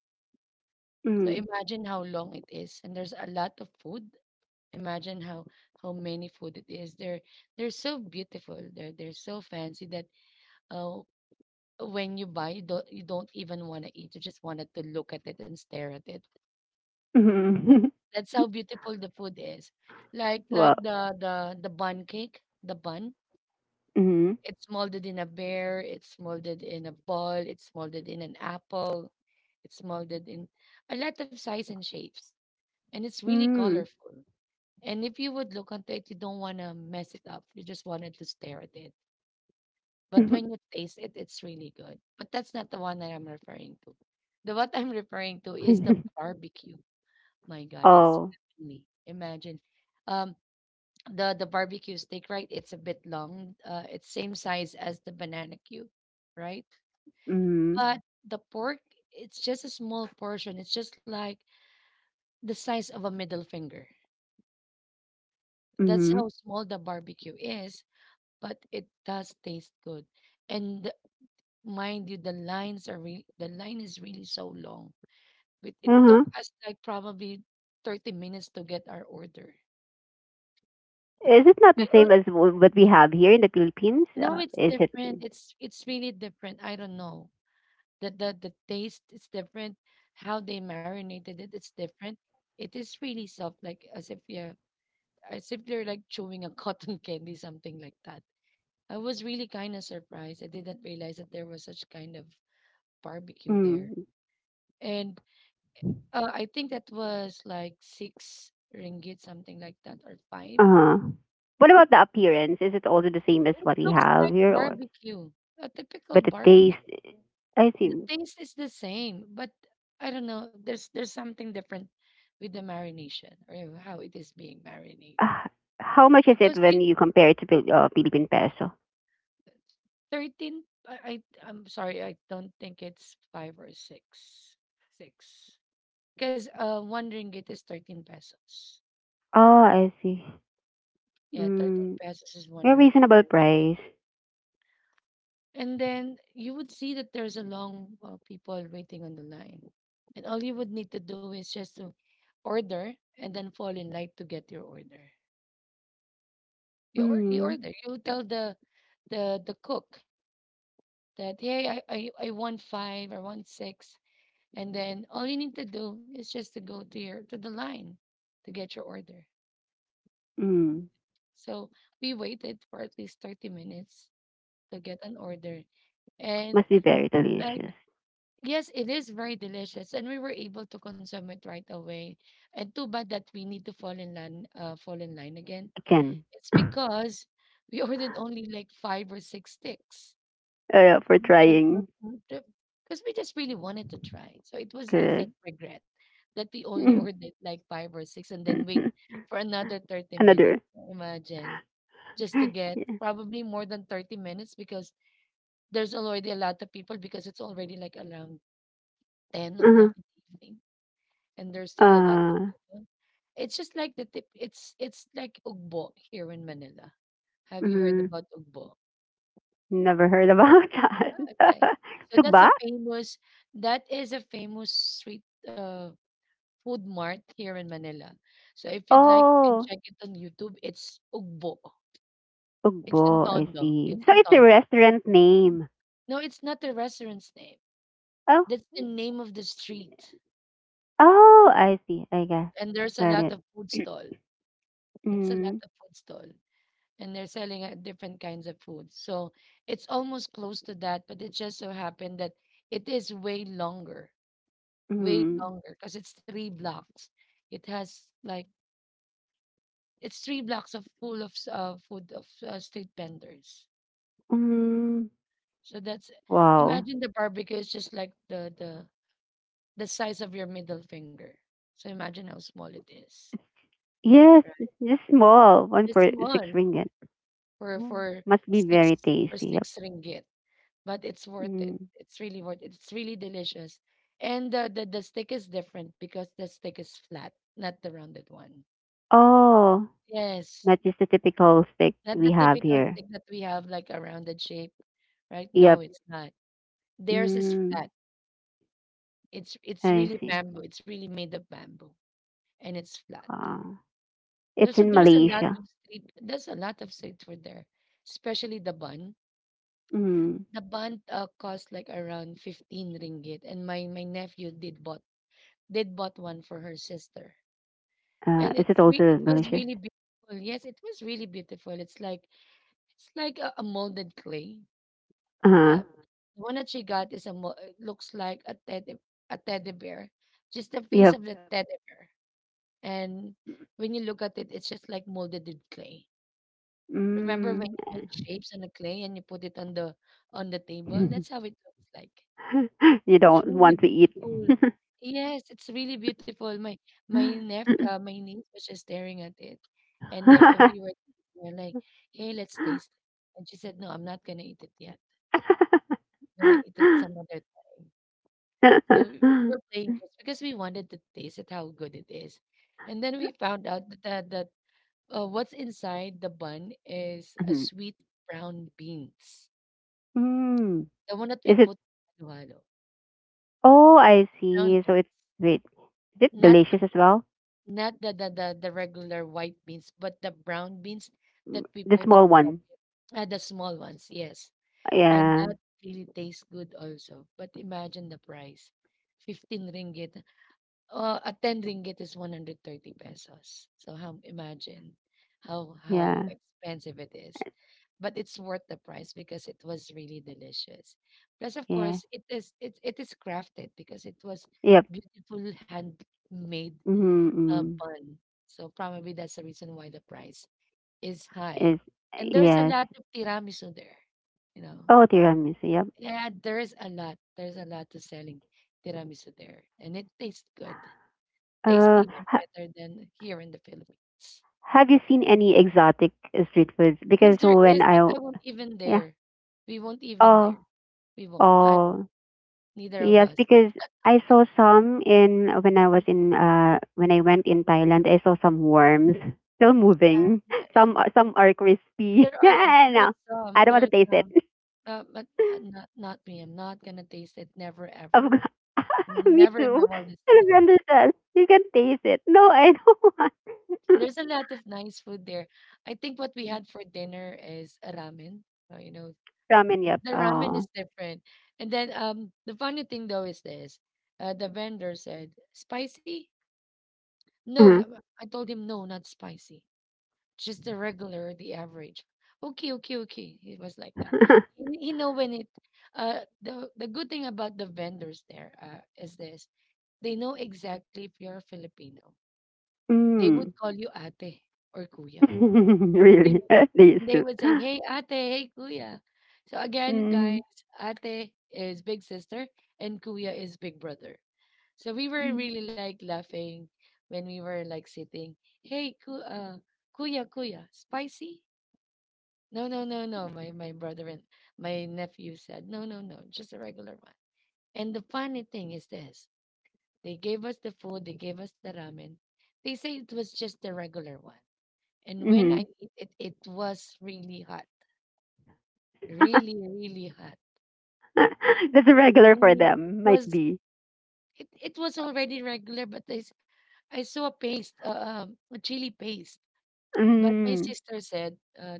Speaker 1: So
Speaker 2: Mhm.
Speaker 1: imagine how long it is, and there's a lot of food. Imagine how how many food it is. They're they're so beautiful. They're they're so fancy that uh, when you buy, you don't you don't even want to eat. You just wanted to look at it and stare at it.
Speaker 2: Mhm.
Speaker 1: That's how beautiful the food is. Like
Speaker 2: Wow.
Speaker 1: like the the the bun cake, the bun.
Speaker 2: Mhm.
Speaker 1: It's molded in a bear. It's molded in a ball. It's molded in an apple. It's molded in a lot of size and shapes, and it's really
Speaker 2: Mm.
Speaker 1: colorful. And if you would look onto it, you don't want to mess it up. You just wanted to stare at it. But when you taste it, it's really good. But that's not the one that I'm referring to. The what I'm referring to is the barbecue. My God, it's
Speaker 2: Oh.
Speaker 1: heavenly. Imagine, um, the the barbecue steak, right? It's a bit long. Uh, it's same size as the banana cube, right?
Speaker 2: Mhm.
Speaker 1: But the pork, it's just a small portion. It's just like the size of a middle finger. That's
Speaker 2: Mhm.
Speaker 1: how small the barbecue is, but it does taste good. And mind you, the lines are re- the line is really so long. It, it took
Speaker 2: Uh-huh.
Speaker 1: us like probably thirty minutes to get our order.
Speaker 2: Is it not the
Speaker 1: We,
Speaker 2: same
Speaker 1: al-
Speaker 2: as w- what we have here in the Philippines?
Speaker 1: no,
Speaker 2: Uh,
Speaker 1: it's
Speaker 2: is it?
Speaker 1: different. It's it's really different. I don't know. The, the the taste is different. How they marinated it, it's different. It is really soft, like as if you're as if you're like chewing a cotton candy, something like that. I was really kind of surprised. I didn't realize that there was such kind of barbecue there.
Speaker 2: Mm.
Speaker 1: And Uh, I think that was like six ringgit, something like that, or five.
Speaker 2: Uh-huh. What about the appearance? Is it also the same as
Speaker 1: It
Speaker 2: what we
Speaker 1: looks
Speaker 2: have
Speaker 1: like
Speaker 2: here, or
Speaker 1: barbecue, a typical
Speaker 2: but the taste?
Speaker 1: barbecue.
Speaker 2: I
Speaker 1: The
Speaker 2: see.
Speaker 1: taste is the same, but I don't know. There's there's something different with the marination or how it is being marinated.
Speaker 2: Uh, how much is it
Speaker 1: Because
Speaker 2: when
Speaker 1: you,
Speaker 2: you compare it to Phil- uh, Philippine peso?
Speaker 1: thirteen, I, I I'm sorry, I don't think it's five or six, six. Because uh, one ringgit is thirteen pesos.
Speaker 2: Oh, I see.
Speaker 1: Yeah, thirteen
Speaker 2: Mm.
Speaker 1: pesos is one,
Speaker 2: A
Speaker 1: ri-
Speaker 2: reasonable
Speaker 1: one ringgit.
Speaker 2: price.
Speaker 1: And then you would see that there's a long uh, people waiting on the line. And all you would need to do is just to order and then fall in line to get your order. You, or, you
Speaker 2: Mm,
Speaker 1: order. You tell the the the cook that hey, I, I I want five, I want six, and then all you need to do is just to go to your to the line to get your order.
Speaker 2: mm.
Speaker 1: So we waited for at least thirty minutes to get an order, and
Speaker 2: Must be very
Speaker 1: uh,
Speaker 2: delicious.
Speaker 1: yes, it is very delicious, and we were able to consume it right away. And too bad that we need to fall in line, uh, fall in line again.
Speaker 2: Again,
Speaker 1: It's
Speaker 2: oh,
Speaker 1: because we ordered only like five or six sticks.
Speaker 2: yeah, for
Speaker 1: So we felt
Speaker 2: trying.
Speaker 1: because we just really wanted to try. So it was
Speaker 2: Correct.
Speaker 1: instant regret that we only ordered like five or six and then wait for another thirty minutes.
Speaker 2: Another.
Speaker 1: Imagine just to get
Speaker 2: Yeah.
Speaker 1: probably more than thirty minutes because there's already a lot of people because it's already like around ten
Speaker 2: Uh-huh.
Speaker 1: o'clock in the evening, and there's still a lot of
Speaker 2: Uh,
Speaker 1: people. It's just like the tip. It's it's like ugbo here in Manila. Have you heard
Speaker 2: mm,
Speaker 1: about ugbo?
Speaker 2: never heard about
Speaker 1: Ah,
Speaker 2: that.
Speaker 1: okay, so that's
Speaker 2: Sugba?
Speaker 1: a famous. That is a famous street uh, food mart here in Manila. So if you'd like, you can
Speaker 2: Oh,
Speaker 1: check it on YouTube. It's ugbo. It's in
Speaker 2: Ugbo. I
Speaker 1: Tondo.
Speaker 2: see.
Speaker 1: It's
Speaker 2: So
Speaker 1: in
Speaker 2: it's a
Speaker 1: Tondo.
Speaker 2: restaurant name.
Speaker 1: No, it's not the restaurant's name.
Speaker 2: Oh,
Speaker 1: That's the name of the street.
Speaker 2: oh, I see. I got,
Speaker 1: And there's a
Speaker 2: got
Speaker 1: lot
Speaker 2: it.
Speaker 1: of food stall. That's a lot
Speaker 2: Mm,
Speaker 1: of food stall, and they're selling uh, different kinds of food. So it's almost close to that, but it just so happened that it is way longer, way
Speaker 2: mm,
Speaker 1: longer, because it's three blocks. It has like it's three blocks of full of s- uh, food of uh, street vendors.
Speaker 2: mm.
Speaker 1: So that's
Speaker 2: Wow.
Speaker 1: imagine the barbecue is just like the the the size of your middle finger. So imagine how small it is.
Speaker 2: Yes, it's
Speaker 1: Right.
Speaker 2: just small. One for
Speaker 1: It's
Speaker 2: six
Speaker 1: small
Speaker 2: ringgit.
Speaker 1: for
Speaker 2: Mm,
Speaker 1: for
Speaker 2: must be
Speaker 1: six
Speaker 2: very
Speaker 1: for
Speaker 2: tasty, yep.
Speaker 1: six ringgit. But it's worth it.
Speaker 2: Mm.
Speaker 1: It's really worth it. It's really delicious. And the, the, the stick is different because the stick is flat, not the rounded one.
Speaker 2: Oh,
Speaker 1: Yes.
Speaker 2: not just the typical stick
Speaker 1: Not the
Speaker 2: we have
Speaker 1: typical
Speaker 2: here.
Speaker 1: stick that we have, like a rounded shape, right? No,
Speaker 2: Yep.
Speaker 1: it's not. Theirs is
Speaker 2: Mm,
Speaker 1: flat. It's it's
Speaker 2: I
Speaker 1: really
Speaker 2: see.
Speaker 1: bamboo. It's really made of bamboo and it's flat.
Speaker 2: Uh, it's
Speaker 1: There's a,
Speaker 2: in
Speaker 1: there's a lot
Speaker 2: Malaysia.
Speaker 1: of street there's a lot of street food there, especially the bun.
Speaker 2: Mm.
Speaker 1: The bun uh, cost like around fifteen ringgit and my my nephew did bought did bought one for her sister
Speaker 2: Uh,
Speaker 1: and
Speaker 2: is it
Speaker 1: it's re-
Speaker 2: also
Speaker 1: it was
Speaker 2: delicious?
Speaker 1: really beautiful. Yes, it was really beautiful. It's like it's like a, a molded clay.
Speaker 2: Uh-huh.
Speaker 1: Uh, the one that she got is a mo- it looks like a teddy a teddy bear, just the face
Speaker 2: Yep.
Speaker 1: of the teddy bear. And when you look at it, it's just like molded in clay. Remember when
Speaker 2: Mm.
Speaker 1: you make shapes on the clay and you put it on the on the table? That's how it looks like.
Speaker 2: You
Speaker 1: It's
Speaker 2: don't
Speaker 1: really
Speaker 2: want to eat.
Speaker 1: beautiful. Yes, it's really beautiful. My my nep uh, my niece was just staring at it, and they, and we were we were like, "Hey, let's taste it." And she said, "No, I'm not gonna eat it yet. I'm gonna eat it some other time." And we, we were playing just because we wanted to taste it how good it is, and then we found out that that uh, what's inside the bun is a sweet brown beans,
Speaker 2: Mm.
Speaker 1: the one that we
Speaker 2: Is it?
Speaker 1: put in halo,
Speaker 2: Oh, I
Speaker 1: brown
Speaker 2: see. So
Speaker 1: beans,
Speaker 2: it's. Wait. Is it
Speaker 1: not the
Speaker 2: delicious as well?
Speaker 1: not the, the the the regular white beans, but the brown beans
Speaker 2: Mm,
Speaker 1: that we
Speaker 2: the
Speaker 1: put in
Speaker 2: small
Speaker 1: the hot.
Speaker 2: one.
Speaker 1: Uh, the small ones, yes. And
Speaker 2: Yeah,
Speaker 1: that really tastes good also. But imagine the price. fifteen ringgit. Uh, a ten ringgit is one hundred thirty pesos. So how imagine how
Speaker 2: yeah,
Speaker 1: how expensive it is. But it's worth the price because it was really delicious. Plus, of
Speaker 2: yeah.
Speaker 1: course, it is it it is crafted because it was
Speaker 2: Yep.
Speaker 1: beautiful handmade
Speaker 2: Mm-hmm,
Speaker 1: a
Speaker 2: mm-hmm.
Speaker 1: bun. So probably that's the reason why the price is high.
Speaker 2: Is.
Speaker 1: And there's a
Speaker 2: Yes.
Speaker 1: lot of tiramisu there, you know.
Speaker 2: Oh, tiramisu. Yep.
Speaker 1: Yeah, there's a lot. There's a lot to selling tiramisu there, and it tastes good. Tastes
Speaker 2: Uh,
Speaker 1: even
Speaker 2: ha-
Speaker 1: better than here in the Philippines.
Speaker 2: have you seen any exotic uh, street foods?
Speaker 1: Yes,
Speaker 2: Because
Speaker 1: there is,
Speaker 2: when
Speaker 1: but
Speaker 2: I,
Speaker 1: I won't even
Speaker 2: yeah.
Speaker 1: dare. We won't even dare.
Speaker 2: Oh,
Speaker 1: We won't. I won't.
Speaker 2: oh,
Speaker 1: Neither of
Speaker 2: yes.
Speaker 1: us.
Speaker 2: Because I saw some in, when I was in, uh when I went in Thailand. I saw some worms still moving.
Speaker 1: Yeah, yeah.
Speaker 2: Some are- some are crispy.
Speaker 1: There are. There are
Speaker 2: No, I
Speaker 1: some.
Speaker 2: don't want
Speaker 1: There
Speaker 2: to
Speaker 1: are
Speaker 2: taste it.
Speaker 1: some. Uh, but uh, not not me. I'm not gonna taste it. Never
Speaker 2: Of
Speaker 1: ever.
Speaker 2: course. Me
Speaker 1: Never in my
Speaker 2: too.
Speaker 1: wildest dream.
Speaker 2: Celebrando sauce. You can taste it. No, I don't want.
Speaker 1: There's a lot of nice food there. I think what we had for dinner is a ramen. uh, You know,
Speaker 2: Ramen, yep.
Speaker 1: the ramen
Speaker 2: Oh.
Speaker 1: is different. And then um, the funny thing though is this: uh, the vendor said spicy. No, uh,
Speaker 2: Mhm.
Speaker 1: uh," I told him no, not spicy. Just the regular, the average. Okay, okay, okay. It was like that. You you know when it. Uh, the the good thing about the vendors there uh, is this: they know exactly if you're Filipino. They would
Speaker 2: Mm.
Speaker 1: call you ate or kuya. Really. And
Speaker 2: Really? They
Speaker 1: they
Speaker 2: soup.
Speaker 1: would say, hey, ate, hey, kuya. So again, guys,
Speaker 2: Mm.
Speaker 1: ate is big sister and kuya is big brother. So we were really like laughing when we were like sitting. Hey, ku- uh, kuya, kuya, spicy? No, no, no, no. My my brother and my nephew said, no, no, no, just a regular one. And the funny thing is this: they gave us the food, they gave us the ramen. They say it was just the regular one. And when
Speaker 2: Mm-hmm.
Speaker 1: I ate it, it was really hot. Really, really hot.
Speaker 2: That's a regular for
Speaker 1: Really, it
Speaker 2: them. Might
Speaker 1: was
Speaker 2: be.
Speaker 1: it, it was already regular, but I, s- I saw a paste, uh, um, a chili paste. But my
Speaker 2: Mm.
Speaker 1: sister said, uh,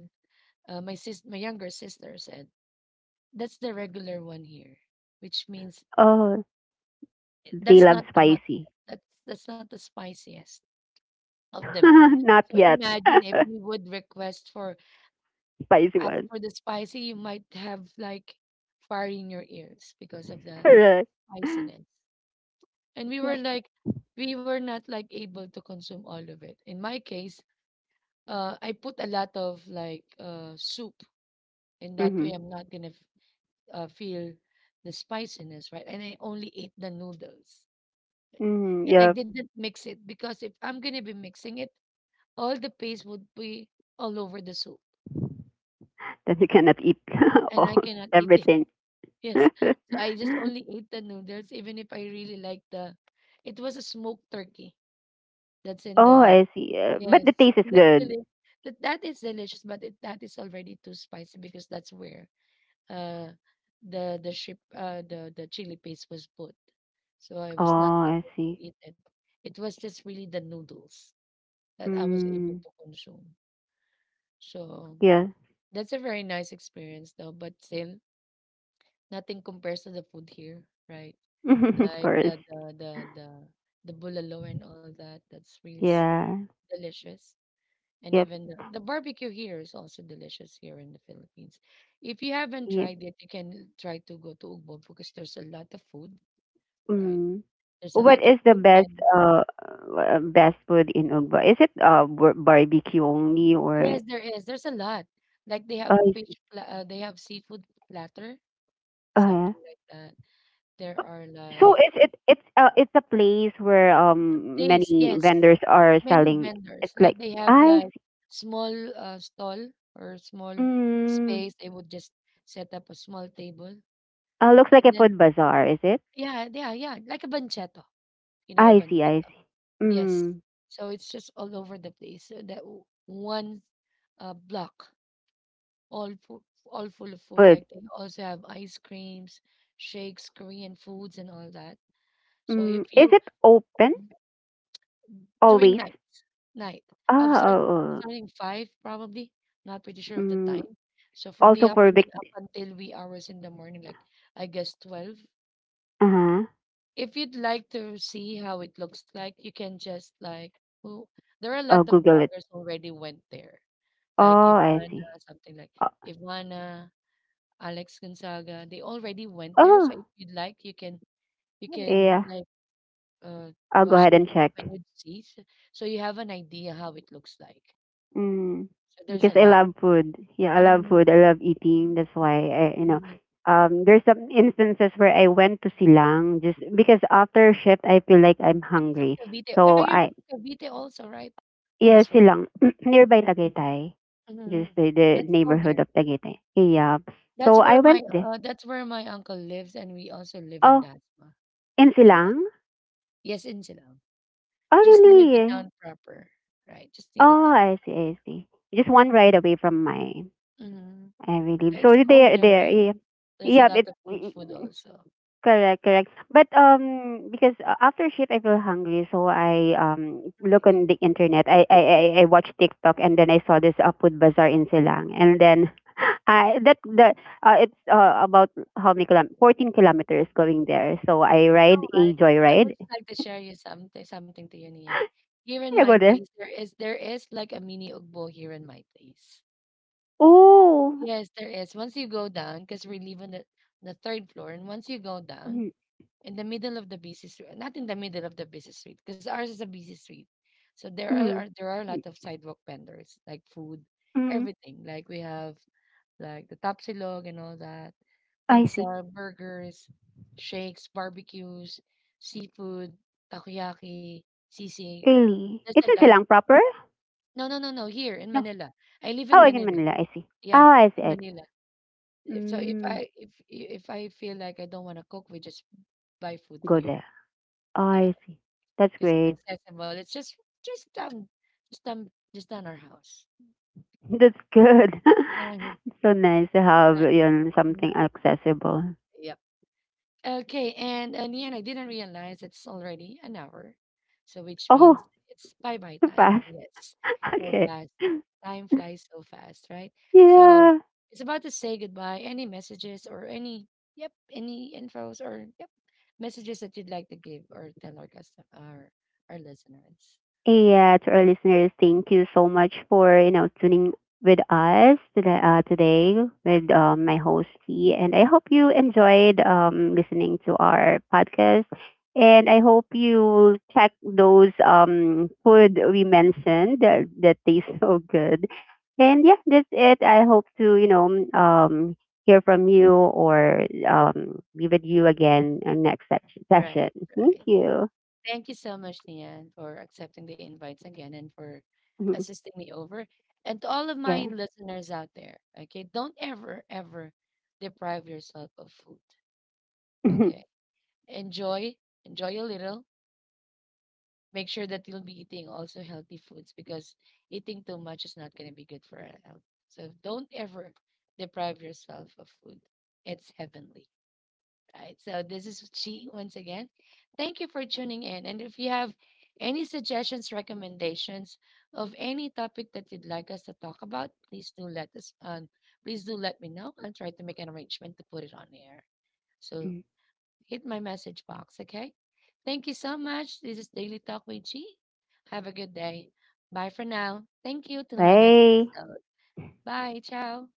Speaker 1: uh, my sis, my younger sister said, that's the regular one here, which means
Speaker 2: Oh,
Speaker 1: i-
Speaker 2: they
Speaker 1: that's
Speaker 2: love
Speaker 1: not the hot
Speaker 2: spicy.
Speaker 1: yet. That's that's not the spiciest of them all.
Speaker 2: Not
Speaker 1: So
Speaker 2: yet.
Speaker 1: imagine if you would request for
Speaker 2: Spicy
Speaker 1: ask
Speaker 2: one.
Speaker 1: for the spicy, you might have like fire in your ears because of that
Speaker 2: Correct.
Speaker 1: spiciness. And we were
Speaker 2: Yeah.
Speaker 1: like, we were not like able to consume all of it. In my case, uh, I put a lot of like uh, soup, and that
Speaker 2: Mm-hmm.
Speaker 1: way I'm not gonna f- uh, feel the spiciness, right? And I only ate the noodles,
Speaker 2: Mm-hmm.
Speaker 1: and I
Speaker 2: Yep.
Speaker 1: didn't mix it because if I'm gonna be mixing it, all the paste would be all over the soup,
Speaker 2: Then you cannot eat
Speaker 1: and
Speaker 2: all
Speaker 1: I cannot eat it.
Speaker 2: everything.
Speaker 1: Yes, so I just only ate the noodles, even if I really like the. It was a smoked turkey that's in
Speaker 2: Oh,
Speaker 1: the.
Speaker 2: I see. Uh, but
Speaker 1: Yes,
Speaker 2: the taste
Speaker 1: and
Speaker 2: is
Speaker 1: that's
Speaker 2: good.
Speaker 1: deli that that is delicious, but it that is already too spicy because that's where uh the the ship uh the the chili paste was put. So I
Speaker 2: Oh,
Speaker 1: was not
Speaker 2: I
Speaker 1: able to
Speaker 2: see.
Speaker 1: eat it. It was just really the noodles that I was able
Speaker 2: Mm,
Speaker 1: to consume. So
Speaker 2: yeah.
Speaker 1: that's a very nice experience though, but still nothing compares to the food here, right?
Speaker 2: Of
Speaker 1: Like
Speaker 2: course.
Speaker 1: the the the the the bulalo and all that. That's really s-
Speaker 2: Yeah.
Speaker 1: delicious. And
Speaker 2: Yep.
Speaker 1: even the, the barbecue here is also delicious here in the Philippines. If you haven't
Speaker 2: Yep.
Speaker 1: tried it, you can try to go to Ugbo because there's a lot of food, right?
Speaker 2: Mm.
Speaker 1: There's a
Speaker 2: What
Speaker 1: lot of
Speaker 2: is the
Speaker 1: food
Speaker 2: best,
Speaker 1: vendors.
Speaker 2: uh uh, best food in Ugba? Is it uh bar- barbecue only, or?
Speaker 1: Yes, there is. There's a lot. Like they
Speaker 2: Oh,
Speaker 1: have
Speaker 2: I
Speaker 1: fish,
Speaker 2: see.
Speaker 1: pla- uh, they have seafood platter,
Speaker 2: Oh, yeah.
Speaker 1: something like that. There are
Speaker 2: So
Speaker 1: like
Speaker 2: it's it it's uh it's a place where
Speaker 1: it's a
Speaker 2: um
Speaker 1: place.
Speaker 2: many
Speaker 1: Yes,
Speaker 2: vendors are
Speaker 1: many
Speaker 2: selling.
Speaker 1: vendors.
Speaker 2: It's
Speaker 1: Like
Speaker 2: like.
Speaker 1: they have
Speaker 2: I
Speaker 1: like
Speaker 2: see.
Speaker 1: small uh, stall or small
Speaker 2: Mm,
Speaker 1: space. They would just set up a small table
Speaker 2: uh, looks like a
Speaker 1: and then
Speaker 2: food bazaar, is it?
Speaker 1: yeah, yeah, yeah. Like a banchetto. You know a
Speaker 2: I see, I
Speaker 1: banchetto?
Speaker 2: see.
Speaker 1: Yes.
Speaker 2: Mm.
Speaker 1: So it's just all over the place. So that w- one uh, block, all full, all full of food.
Speaker 2: But,
Speaker 1: Like they also have ice creams, shakes, Korean foods, and all that. So
Speaker 2: mm,
Speaker 1: if
Speaker 2: is
Speaker 1: you
Speaker 2: it open
Speaker 1: during
Speaker 2: always?
Speaker 1: night, night, I'm
Speaker 2: Ah,
Speaker 1: start
Speaker 2: oh, oh.
Speaker 1: starting five probably. Not pretty sure of the time.
Speaker 2: Mm,
Speaker 1: So from the
Speaker 2: also for Vic.
Speaker 1: afternoon up until wee hours in the morning, like I guess twelve.
Speaker 2: Uh-huh.
Speaker 1: If you'd like to see how it looks like, you can just like who there are a
Speaker 2: Oh,
Speaker 1: lot of
Speaker 2: Google it.
Speaker 1: bloggers already went there,
Speaker 2: Oh,
Speaker 1: like
Speaker 2: I
Speaker 1: Ivana,
Speaker 2: see.
Speaker 1: something like
Speaker 2: Uh,
Speaker 1: Ivana, Alex Gonzaga. They already went there,
Speaker 2: oh,
Speaker 1: so if you'd like, you can you can
Speaker 2: yeah.
Speaker 1: like uh
Speaker 2: I'll go
Speaker 1: watch
Speaker 2: ahead
Speaker 1: their
Speaker 2: and check.
Speaker 1: YouTube and you'd see, so, so you have an idea how it looks like.
Speaker 2: Mm,
Speaker 1: So there's
Speaker 2: because
Speaker 1: a
Speaker 2: I
Speaker 1: lot.
Speaker 2: love food. Yeah, I love
Speaker 1: Mm,
Speaker 2: food. I love eating. That's why I, you know,
Speaker 1: mm.
Speaker 2: um, there's some instances where I went to Silang just because after shift I feel like I'm
Speaker 1: Are you from
Speaker 2: hungry.
Speaker 1: Cavite? Are
Speaker 2: So
Speaker 1: you
Speaker 2: I.
Speaker 1: from Cavite also, right? Almost
Speaker 2: Yes,
Speaker 1: forgot.
Speaker 2: Silang, nearby Tagaytay. Just
Speaker 1: Mhm.
Speaker 2: the, the
Speaker 1: Let's go.
Speaker 2: neighborhood of Tagaytay. Yeah.
Speaker 1: That's
Speaker 2: So
Speaker 1: where
Speaker 2: I
Speaker 1: my
Speaker 2: went there.
Speaker 1: uh, that's where my uncle lives, and we also live in
Speaker 2: Oh,
Speaker 1: Dasma.
Speaker 2: in
Speaker 1: Yes,
Speaker 2: Silang?
Speaker 1: yes, in Silang,
Speaker 2: Oh,
Speaker 1: just near the
Speaker 2: really?
Speaker 1: town proper, right? Just near the
Speaker 2: Oh,
Speaker 1: town.
Speaker 2: I see, I see. Just one ride away from my,
Speaker 1: Mm-hmm.
Speaker 2: I believe. So
Speaker 1: It's cold
Speaker 2: there,
Speaker 1: there,
Speaker 2: there.
Speaker 1: right?
Speaker 2: Yeah,
Speaker 1: There's a
Speaker 2: yeah.
Speaker 1: lot
Speaker 2: It.
Speaker 1: of good food also.
Speaker 2: Correct, correct. But, um, because, uh, after shift I feel hungry, so I um look
Speaker 1: You
Speaker 2: on the internet. I I I, I watch TikTok, and then I saw this uh, food bazaar in Silang, and then I that the uh, it's uh, about how many kilometers? Fourteen kilometers going there. So I ride
Speaker 1: know
Speaker 2: a
Speaker 1: what? I would
Speaker 2: joyride.
Speaker 1: just like to share you something something to you, Nian. Here in
Speaker 2: I
Speaker 1: my
Speaker 2: go there.
Speaker 1: place, there is there is like a mini ugbo here in my place.
Speaker 2: Oh,
Speaker 1: Yes, there is. Once you go down, because we live on the, the third floor, and once you go down,
Speaker 2: mm,
Speaker 1: in the middle of the busy street, not in the middle of the busy street, because ours is a busy street. So there are, are
Speaker 2: mm,
Speaker 1: there are a lot
Speaker 2: mm,
Speaker 1: of sidewalk vendors like food,
Speaker 2: mm,
Speaker 1: everything. Like we have like the tapsilog and all that,
Speaker 2: I see.
Speaker 1: pizza, burgers, shakes, barbecues, seafood, takoyaki, sisig.
Speaker 2: Really,
Speaker 1: There's a
Speaker 2: it's in
Speaker 1: lot.
Speaker 2: Silang proper?
Speaker 1: No, no, no, no. Here in
Speaker 2: No.
Speaker 1: Manila, I live
Speaker 2: Oh,
Speaker 1: in
Speaker 2: again,
Speaker 1: Manila.
Speaker 2: Manila. I see.
Speaker 1: Yeah,
Speaker 2: Oh, I see.
Speaker 1: in
Speaker 2: I-
Speaker 1: Manila. If so, if
Speaker 2: Mm,
Speaker 1: I if if I feel like I don't want to cook, we just buy food
Speaker 2: go
Speaker 1: here.
Speaker 2: there.
Speaker 1: Yeah.
Speaker 2: I see. That's
Speaker 1: 'Cause
Speaker 2: great.
Speaker 1: success involved. It's just just um just um just down our house.
Speaker 2: That's good.
Speaker 1: Um,
Speaker 2: It's so nice to have
Speaker 1: nice.
Speaker 2: yun,
Speaker 1: Mhm.
Speaker 2: something accessible.
Speaker 1: Yep. Okay, and uh, Nian, I didn't realize it's already an hour, so which
Speaker 2: Oh,
Speaker 1: means it's bye bye time.
Speaker 2: fast.
Speaker 1: Yes, so
Speaker 2: Okay.
Speaker 1: fast. Time flies so fast, right? So
Speaker 2: Yeah.
Speaker 1: it's about to say goodbye. Any messages or any yep, any infos or yep, messages that you'd like to give or tell our custom our our listeners.
Speaker 2: Yeah, to our listeners, thank you so much for you know tuning with us today, uh, today with um, my host T, and I hope you enjoyed, um, listening to our podcast, and I hope you check those, um, food we mentioned, that, that tastes so good, and yeah, that's it. I hope to you know um, hear from you, or um, be with you again, uh, next se- session.
Speaker 1: Right,
Speaker 2: Thank
Speaker 1: right.
Speaker 2: you.
Speaker 1: Thank you so much, Nian, for accepting the invites again and for assisting me over. And to all of my
Speaker 2: Yeah.
Speaker 1: listeners out there, okay, don't ever, ever deprive yourself of food. Okay. Enjoy, enjoy a little. Make sure that you'll be eating also healthy foods because eating too much is not going to be good for our health. So don't ever deprive yourself of food. It's heavenly. Right. So this is Chi once again. Thank you for tuning in. And if you have any suggestions, recommendations of any topic that you'd like us to talk about, please do let us um, please do let me know. I'll try to make an arrangement to put it on air. So hit my message box, okay? Thank you so much. This is Daily Talk with Chi. Have a good day. Bye for now. Thank you. Till my next
Speaker 2: 喂，
Speaker 1: episode. Bye. Ciao.